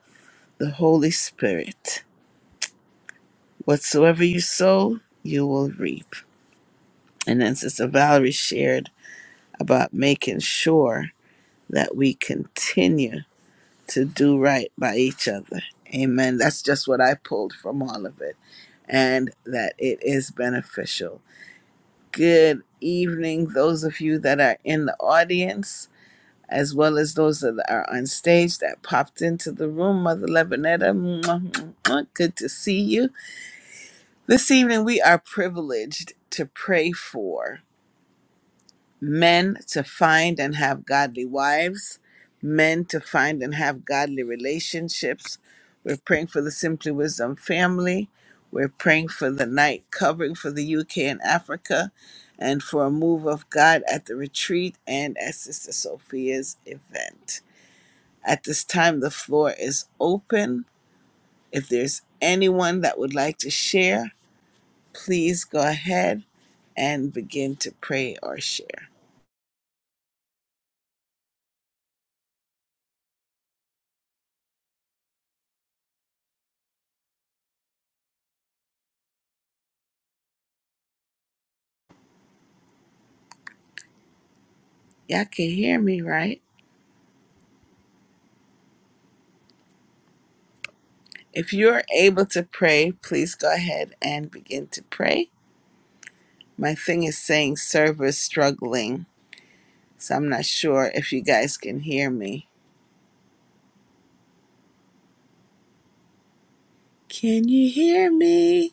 Speaker 1: the Holy Spirit. Whatsoever you sow, you will reap. And then Sister Valerie shared about making sure that we continue to do right by each other. Amen. That's just what I pulled from all of it, and that it is beneficial. Good evening, those of you that are in the audience, as well as those that are on stage that popped into the room. Mother Lebanetta, good to see you. This evening, we are privileged to pray for men to find and have godly wives, men to find and have godly relationships. We're praying for the Simply Wisdom family. We're praying for the night covering for the UK and Africa and for a move of God at the retreat and at Sister Sophia's event. At this time, the floor is open. If there's anyone that would like to share, please go ahead and begin to pray or share. Y'all can hear me, right? If you're able to pray, please go ahead and begin to pray. My thing is saying servers struggling, so I'm not sure if you guys can hear me. Can you hear me?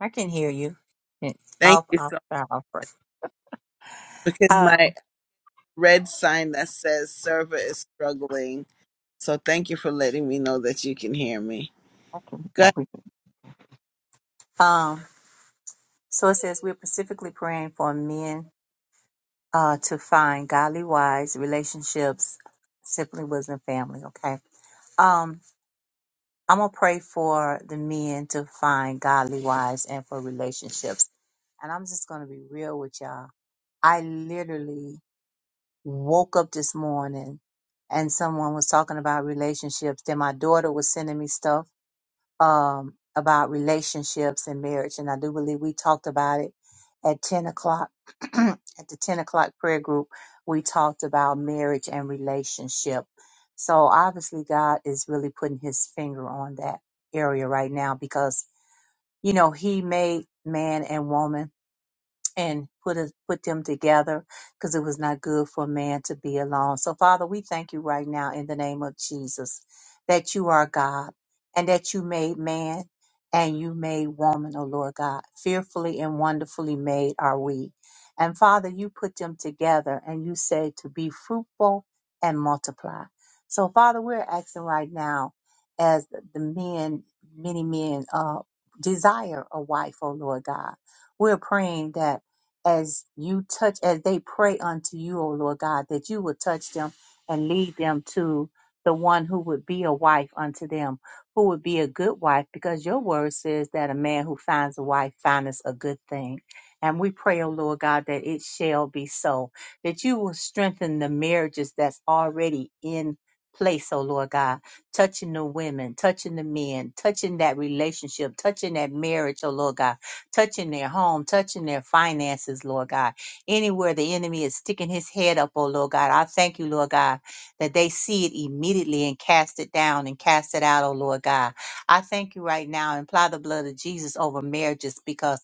Speaker 5: I can hear you. Yeah,
Speaker 1: Thank
Speaker 5: I'll,
Speaker 1: you
Speaker 5: I'll,
Speaker 1: so
Speaker 5: I'll pray.
Speaker 1: much, because my
Speaker 5: Um,
Speaker 1: red sign that says server is struggling. So thank you for letting me know that you can hear me.
Speaker 5: I can,
Speaker 1: Go
Speaker 5: I'll
Speaker 1: ahead.
Speaker 5: breathe. um, so it says we're specifically praying for men uh, to find godly wise relationships simply wisdom family okay um i'm gonna pray for the men to find godly wise and for relationships and i'm just gonna be real with y'all i literally woke up this morning and someone was talking about relationships then my daughter was sending me stuff um, about relationships and marriage, and I do believe we talked about it at ten o'clock at the ten o'clock prayer group. We talked about marriage and relationship. So obviously, God is really putting His finger on that area right now because you know He made man and woman and put us put them together because it was not good for man to be alone. So Father, we thank you right now in the name of Jesus that you are God and that you made man and you made woman, O Lord God. Fearfully and wonderfully made are we. And Father, you put them together and you said to be fruitful and multiply. So Father, we're asking right now as the men, many men uh desire a wife, O Lord God. We're praying that as you touch, as they pray unto you, O Lord God, that you will touch them and lead them to the one who would be a wife unto them, who would be a good wife, because your word says that a man who finds a wife findeth a good thing. And we pray, O Lord God, that it shall be so, that you will strengthen the marriages that's already in place, O Lord God, touching the women, touching the men, touching that relationship, touching that marriage, O Lord God touching their home, touching their finances, Lord God. Anywhere the enemy is sticking his head up, oh Lord God, I thank you, Lord God, that they see it immediately and cast it down and cast it out, oh Lord God. I thank you right now and apply the blood of Jesus over marriages because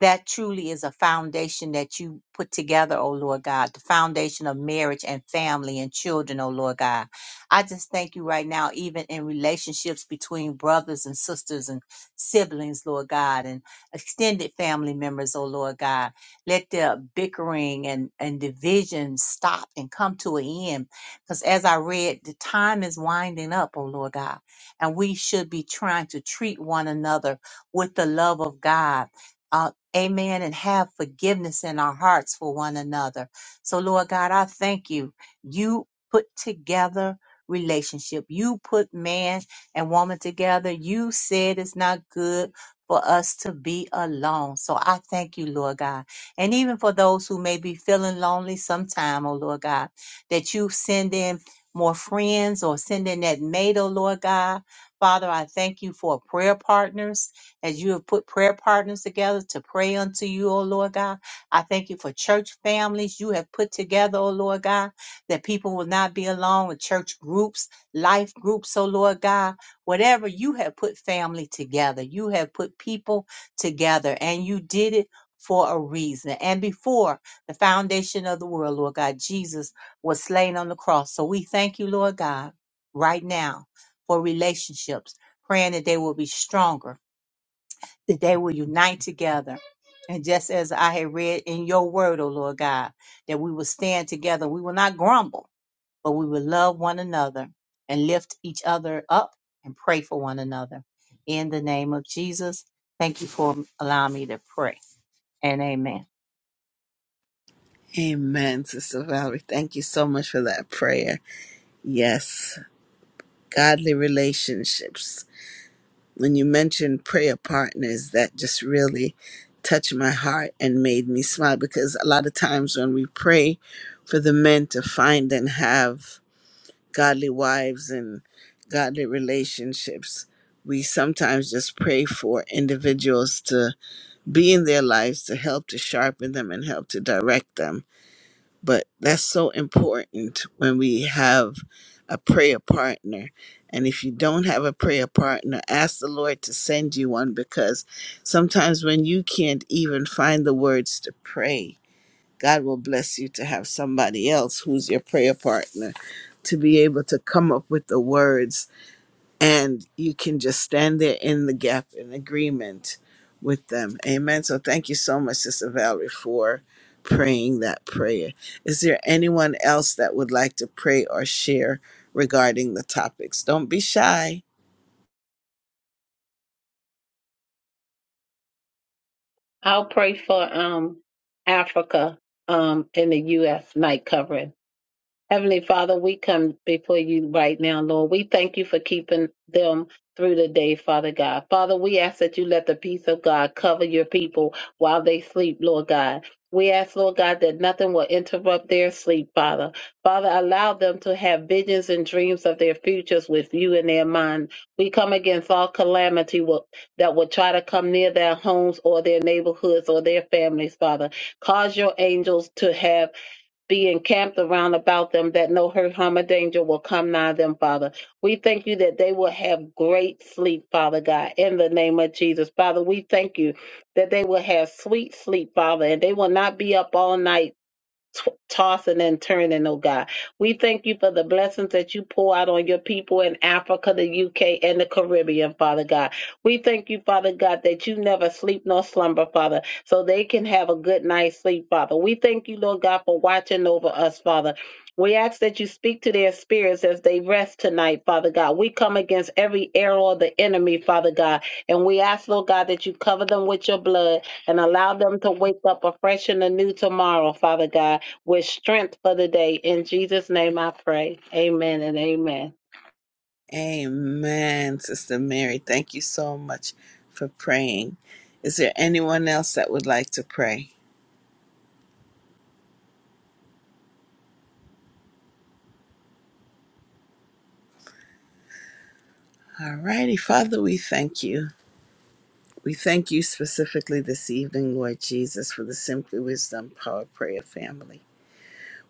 Speaker 5: that truly is a foundation that you put together, oh Lord God, the foundation of marriage and family and children, oh Lord God. I just thank you right now, even in relationships between brothers and sisters and siblings, Lord God, and extended family members, oh Lord God. Let the bickering and, and division stop and come to an end. Because as I read, the time is winding up, oh Lord God, and we should be trying to treat one another with the love of God Uh, Amen. And have forgiveness in our hearts for one another. So, Lord God, I thank you. You put together relationship. You put man and woman together. You said it's not good for us to be alone. So I thank you, Lord God. And even for those who may be feeling lonely sometime, oh Lord God, that you send in more friends or send in that mate, oh Lord God. Father, I thank you for prayer partners as you have put prayer partners together to pray unto you, O Lord God. I thank you for church families you have put together, O Lord God, that people will not be alone with church groups, life groups, O Lord God. Whatever you have put family together, you have put people together, and you did it for a reason. And before the foundation of the world, Lord God, Jesus was slain on the cross. So we thank you, Lord God, right now for relationships, praying that they will be stronger that they will unite together. And just as I had read in your word, O Lord God, that we will stand together. We will not grumble, but we will love one another and lift each other up and pray for one another. In the name of Jesus, thank you for allowing me to pray. And amen.
Speaker 1: Amen, Sister Valerie. Thank you so much for that prayer. Yes. godly relationships. When you mentioned prayer partners, that just really touched my heart and made me smile because a lot of times when we pray for the men to find and have godly wives and godly relationships, we sometimes just pray for individuals to be in their lives to help to sharpen them and help to direct them but that's so important when we have a prayer partner. And if you don't have a prayer partner, ask the Lord to send you one because sometimes when you can't even find the words to pray, God will bless you to have somebody else who's your prayer partner to be able to come up with the words and you can just stand there in the gap in agreement with them. Amen. So thank you so much, Sister Valerie, for praying that prayer. Is there anyone else that would like to pray or share regarding the topics? Don't be shy.
Speaker 3: I'll pray for um Africa um in the U.S. night covering. Heavenly Father, we come before you right now, Lord. We thank you for keeping them through the day, Father God. Father, we ask that you let the peace of God cover your people while they sleep, Lord God. We ask, Lord God, that nothing will interrupt their sleep, Father. Father, allow them to have visions and dreams of their futures with you in their mind. We come against all calamity will- that will try to come near their homes or their neighborhoods or their families, Father. Cause your angels to have be encamped around about them that no hurt, harm, or danger will come nigh them, Father. We thank you that they will have great sleep, Father God, in the name of Jesus. Father, we thank you that they will have sweet sleep, Father, and they will not be up all night t- tossing and turning, oh God. We thank you for the blessings that you pour out on your people in Africa, the UK, and the Caribbean, Father God. We thank you, Father God, that you never sleep nor slumber, Father, so they can have a good night's sleep, Father. We thank you, Lord God, for watching over us, Father. We ask that you speak to their spirits as they rest tonight, Father God. We come against every arrow of the enemy, Father God. And we ask, Lord God, that you cover them with your blood and allow them to wake up afresh and anew tomorrow, Father God with strength for the day. In Jesus' name I pray. Amen and amen.
Speaker 1: Amen, Sister Mary. Thank you so much for praying. Is there anyone else that would like to pray? All righty, Father, we thank you. We thank you specifically this evening, Lord Jesus, for the Simply Wisdom Power Prayer family.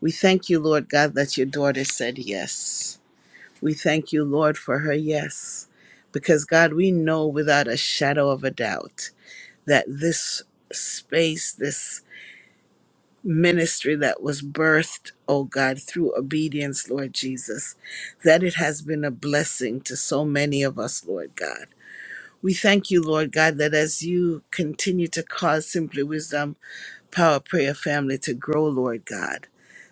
Speaker 1: We thank you, Lord God, that your daughter said yes. We thank you, Lord, for her yes, because God, we know without a shadow of a doubt that this space, this ministry that was birthed, oh God, through obedience, Lord Jesus, that it has been a blessing to so many of us, Lord God. We thank you, Lord God, that as you continue to cause Simply Wisdom Power Prayer family to grow, Lord God,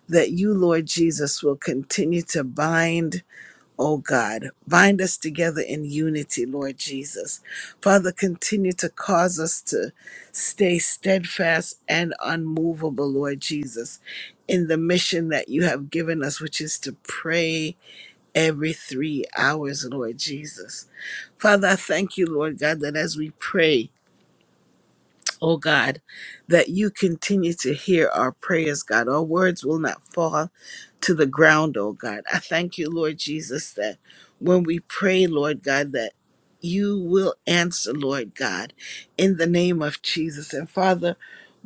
Speaker 1: that you, Lord Jesus, will continue to bind, oh God, bind us together in unity, Lord Jesus. Father, continue to cause us to stay steadfast and unmovable, Lord Jesus, in the mission that you have given us, which is to pray every three hours, Lord Jesus. Father, I thank you, Lord God, that as we pray, oh God, that you continue to hear our prayers, God. Our words will not fall to the ground, oh God. I thank you, Lord Jesus, that when we pray, Lord God, that you will answer, Lord God, in the name of Jesus. And Father,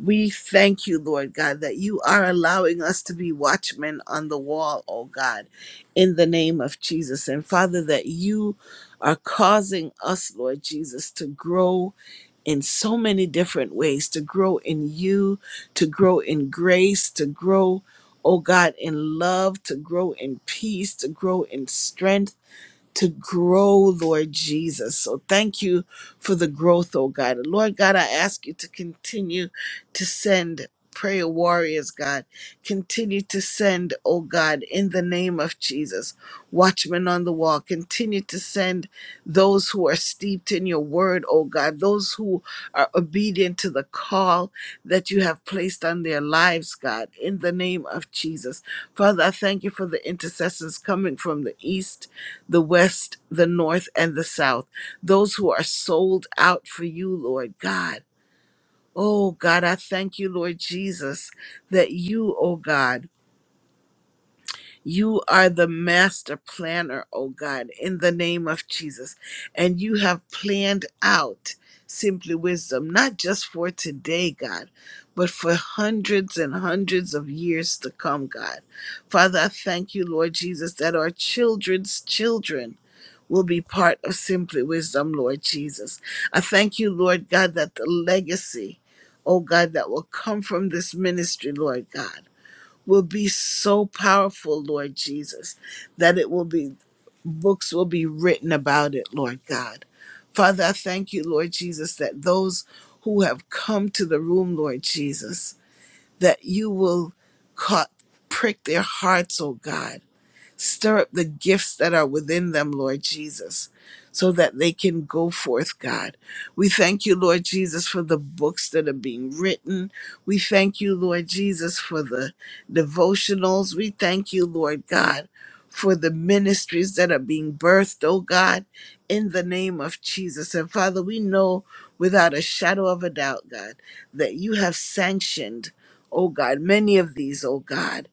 Speaker 1: we thank you, Lord God, that you are allowing us to be watchmen on the wall, oh God, in the name of Jesus. And Father, that you are causing us, Lord Jesus, to grow in so many different ways to grow in you, to grow in grace, to grow, oh God, in love, to grow in peace, to grow in strength to grow, Lord Jesus. So thank you for the growth, oh God. And Lord God, I ask you to continue to send prayer warriors, God. Continue to send, oh God, in the name of Jesus, watchmen on the wall. Continue to send those who are steeped in your word, oh God, those who are obedient to the call that you have placed on their lives, God, in the name of Jesus. Father, I thank you for the intercessors coming from the east the west, the north, and the south. Those who are sold out for you, Lord God. Oh God, I thank you, Lord Jesus, that you, oh God, you are the master planner, oh God, in the name of Jesus. And you have planned out simply wisdom, not just for today, God, but for hundreds and hundreds of years to come, God. Father, I thank you, Lord Jesus, that our children's children will be part of Simply Wisdom, Lord Jesus. I thank you, Lord God, that the legacy, oh God, that will come from this ministry, Lord God, will be so powerful, Lord Jesus, that it will be, books will be written about it, Lord God. Father, I thank you, Lord Jesus, that those who have come to the room, Lord Jesus, that you will caught, prick their hearts, oh God Stir up the gifts that are within them, Lord Jesus, so that they can go forth, God. We thank you, Lord Jesus, for the books that are being written. We thank you, Lord Jesus, for the devotionals. We thank you, Lord God, for the ministries that are being birthed, oh God, in the name of Jesus. And Father, we know without a shadow of a doubt, God, that you have sanctioned, oh God, many of these, oh God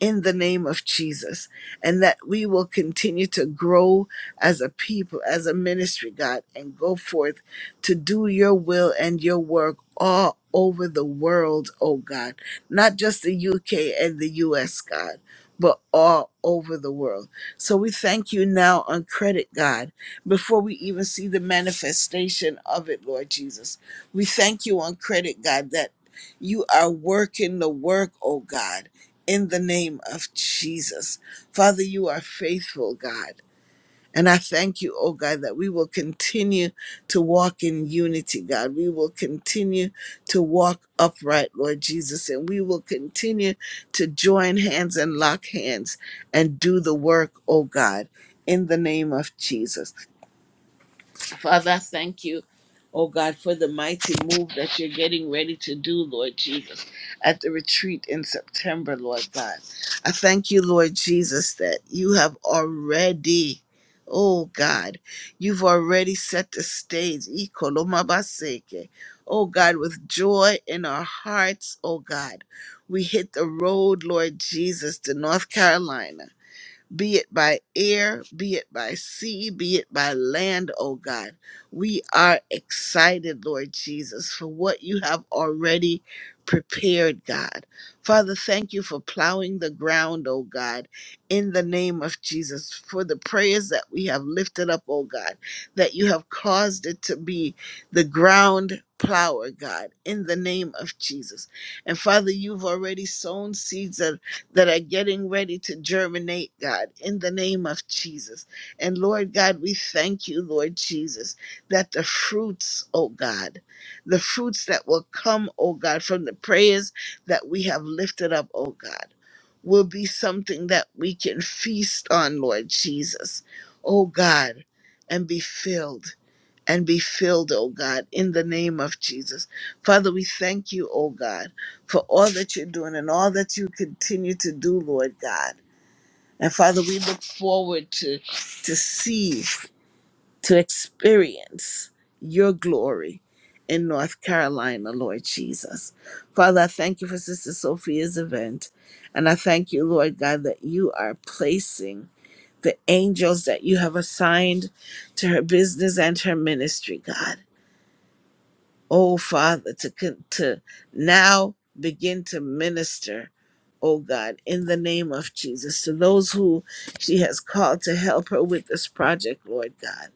Speaker 1: in the name of Jesus, and that we will continue to grow as a people, as a ministry, God, and go forth to do your will and your work all over the world, oh God, not just the UK and the US, God, but all over the world. So we thank you now on credit, God, before we even see the manifestation of it, Lord Jesus. We thank you on credit, God, that you are working the work, oh God in the name of Jesus. Father, you are faithful, God. And I thank you, oh God, that we will continue to walk in unity, God. We will continue to walk upright, Lord Jesus. And we will continue to join hands and lock hands and do the work, oh God, in the name of Jesus. Father, thank you oh God, for the mighty move that you're getting ready to do, Lord Jesus, at the retreat in September, Lord God. I thank you, Lord Jesus, that you have already. Oh God, you've already set the stage. Ikolomabaseke. Oh God, with joy in our hearts, oh God, we hit the road, Lord Jesus, to North Carolina be it by air, be it by sea, be it by land, oh God. We are excited, Lord Jesus, for what you have already prepared, God. Father, thank you for plowing the ground, oh God, in the name of Jesus, for the prayers that we have lifted up, oh God, that you have caused it to be the ground plower, God, in the name of Jesus. And Father, you've already sown seeds that that are getting ready to germinate, God, in the name of Jesus. And Lord God, we thank you, Lord Jesus, that the fruits, oh God, the fruits that will come, oh God, from the prayers that we have lifted up, oh God, will be something that we can feast on, Lord Jesus, oh God, and be filled and be filled, O God, in the name of Jesus. Father, we thank you, O God, for all that you're doing and all that you continue to do, Lord God. And Father, we look forward to to see, to experience your glory in North Carolina, Lord Jesus. Father, I thank you for Sister Sophia's event. And I thank you, Lord God, that you are placing the angels that you have assigned to her business and her ministry, God oh Father, to con- to now begin to minister, oh God, in the name of Jesus, to those who she has called to help her with this project, Lord God.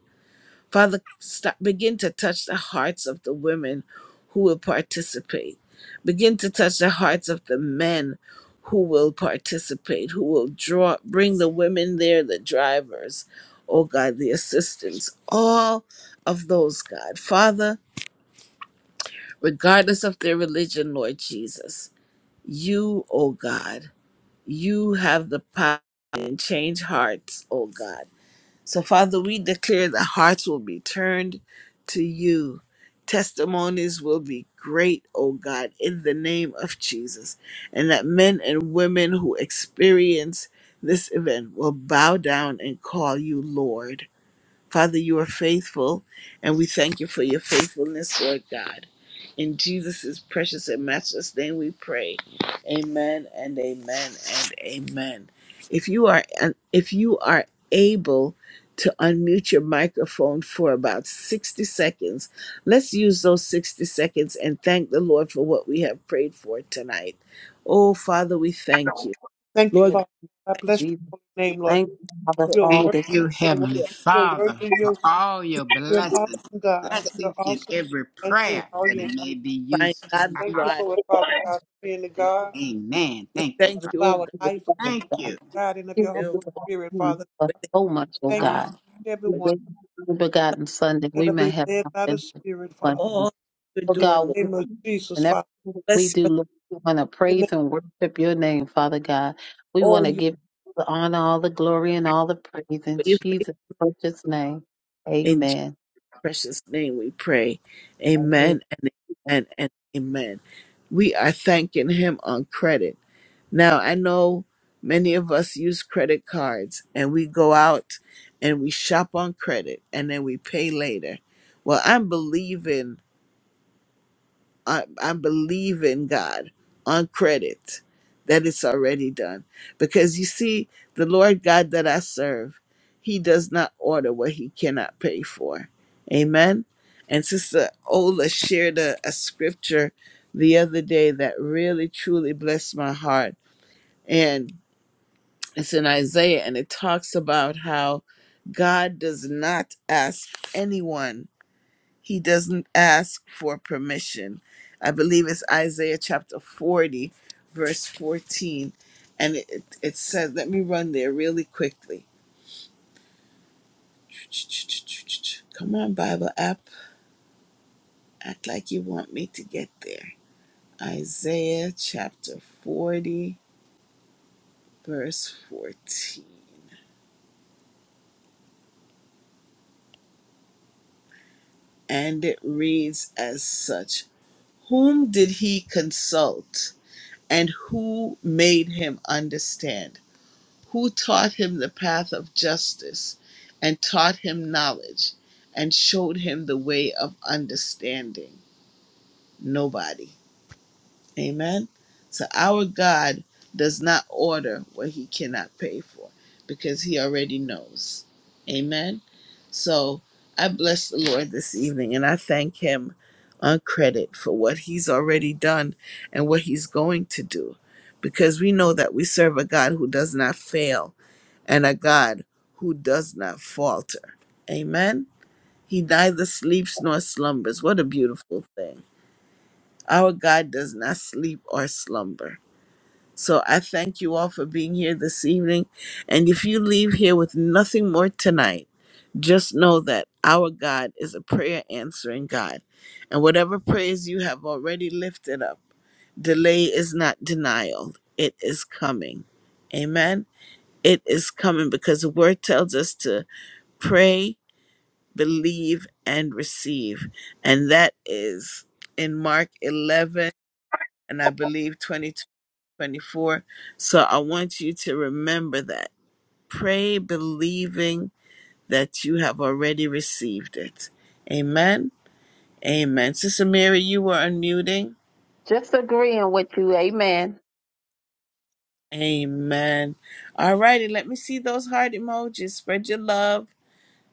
Speaker 1: Father, stop, begin to touch the hearts of the women who will participate. Begin to touch the hearts of the men who will participate, who will draw, bring the women there, the drivers, oh God, the assistants, all of those, God. Father, regardless of their religion, Lord Jesus. You, O God, you have the power and change hearts, O God. So, Father, we declare that hearts will be turned to you. Testimonies will be great, O God, in the name of Jesus. And that men and women who experience this event will bow down and call you Lord. Father, you are faithful, and we thank you for your faithfulness, Lord God. In Jesus' precious and matchless name we pray. Amen and amen and amen. If you are uh, if you are able to unmute your microphone for about 60 seconds, let's use those 60 seconds and thank the Lord for what we have prayed for tonight. Oh Father, we thank you.
Speaker 6: Thank you,
Speaker 3: Yeah,
Speaker 1: Lord,
Speaker 6: Father. I
Speaker 1: thank
Speaker 6: bless
Speaker 1: you
Speaker 3: Jesus.
Speaker 6: your holy name, Lord.
Speaker 3: Thank you, Father, for
Speaker 1: for
Speaker 6: Your
Speaker 3: all
Speaker 6: word,
Speaker 3: that
Speaker 7: Thank you,
Speaker 6: your word,
Speaker 7: Heavenly
Speaker 1: for-
Speaker 6: your word,
Speaker 7: Father,
Speaker 6: your
Speaker 7: for
Speaker 6: word.
Speaker 7: all your
Speaker 6: You're an
Speaker 7: blessings.
Speaker 6: awesome God.
Speaker 7: Bless
Speaker 1: for
Speaker 6: You're
Speaker 7: each and
Speaker 6: awesome. you
Speaker 7: every
Speaker 6: faithful in
Speaker 7: prayer
Speaker 6: all
Speaker 7: that
Speaker 6: your ways.
Speaker 7: it may be
Speaker 1: finding
Speaker 7: useful.
Speaker 1: God
Speaker 6: Thank you
Speaker 1: wise.
Speaker 6: for it, Father God, for
Speaker 3: that
Speaker 6: being the
Speaker 3: you
Speaker 6: God
Speaker 7: Amen.
Speaker 1: We
Speaker 7: Thank you,
Speaker 1: thank
Speaker 3: put
Speaker 7: Father.
Speaker 1: you,
Speaker 6: of
Speaker 1: oh
Speaker 3: forth
Speaker 6: our
Speaker 1: God,
Speaker 3: in the
Speaker 6: life
Speaker 3: Word
Speaker 7: Thank
Speaker 3: of God.
Speaker 6: and
Speaker 7: you.
Speaker 6: the guiding of
Speaker 3: Thank
Speaker 6: your Holy
Speaker 3: you
Speaker 1: Lord,
Speaker 3: Lord,
Speaker 6: Spirit, Father.
Speaker 3: for
Speaker 1: for
Speaker 3: so much, oh
Speaker 6: Thank you,
Speaker 3: God.
Speaker 6: for
Speaker 3: You
Speaker 1: everything,
Speaker 6: everyone
Speaker 3: gave your only begotten Son that we
Speaker 6: that'll
Speaker 3: may
Speaker 6: be
Speaker 3: have
Speaker 6: led by the Spirit,
Speaker 1: for
Speaker 6: Father.
Speaker 3: something.
Speaker 1: all you're
Speaker 3: Lord
Speaker 6: In
Speaker 1: doing.
Speaker 3: God,
Speaker 1: Lord.
Speaker 6: the
Speaker 3: we-
Speaker 6: name of Jesus,
Speaker 3: whenever
Speaker 6: Father.
Speaker 3: we
Speaker 1: Bless you
Speaker 3: do,
Speaker 1: for
Speaker 3: Lord, we want to praise and worship your name, Father God. We
Speaker 1: all
Speaker 3: want to
Speaker 1: you
Speaker 3: give you the honor, all the glory, and
Speaker 1: are
Speaker 3: all the praise in
Speaker 1: for your faith.
Speaker 3: Jesus' precious name.
Speaker 1: In Jesus'
Speaker 3: Amen.
Speaker 1: precious name we pray. Amen
Speaker 3: Amen.
Speaker 1: and, and, and amen. We are thanking him on credit. Now, I know many of us use credit cards and we go out and we shop on credit and then we pay later. Well, I'm believing I, I believe in God on credit that it's already done. Because you see, the Lord God that I serve, He does not order what He cannot pay for. Amen. And Sister Ola shared a, a scripture the other day that really truly blessed my heart. And it's in Isaiah, and it talks about how God does not ask anyone he doesn't ask for permission. I believe it's Isaiah chapter 40, verse 14. And it, it says, let me run there really quickly. Come on, Bible app. Act like you want me to get there. Isaiah chapter 40, verse 14. And it reads as such Whom did he consult, and who made him understand? who taught him the path of justice, and taught him knowledge, and showed him the way of understanding? Nobody. Amen. So our God does not order what he cannot pay for because he already knows. Amen. So I bless the Lord this evening and I thank him on credit for what he's already done and what he's going to do because we know that we serve a God who does not fail and a God who does not falter. Amen. He neither sleeps nor slumbers. What a beautiful thing. Our God does not sleep or slumber. So I thank you all for being here this evening. And if you leave here with nothing more tonight, just know that our God is a prayer answering God. And whatever prayers you have already lifted up, delay is not denial, it is coming. Amen it is coming because the word tells us to pray, believe, and receive. And that is in Mark 11 and I believe 22, twenty-four. So I want you to remember that. Pray believing that you have already received it. Amen. Amen. Sister Mary, you were unmuting.
Speaker 3: Just agreeing with you. Amen.
Speaker 1: Amen. All righty, let me see those heart emojis. Spread your love.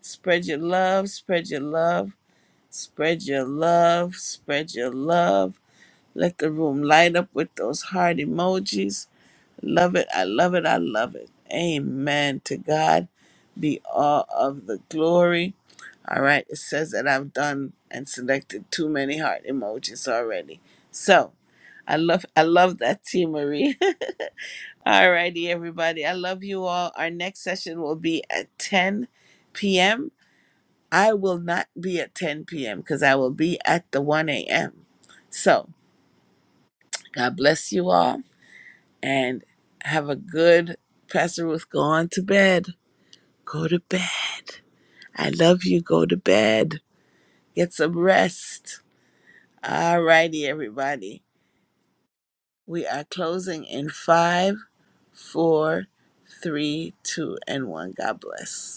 Speaker 1: Spread your love. Spread your love Spread your love, spread your love. Let the room light up with those heart emojis. Love it, I love it, I love it. Amen. To God be all of the glory. All right, it says that I've done and selected too many heart emojis already. So, I love I love that T. Marie. all righty, everybody. I love you all. Our next session will be at 10 p.m. I will not be at 10 p.m. because I will be at the 1 a.m. So God bless you all and have a good Pastor Ruth. Go on to bed. Go to bed. I love you. Go to bed. Get some rest. All righty, everybody. We are closing in five, four, three, two, and one. God bless.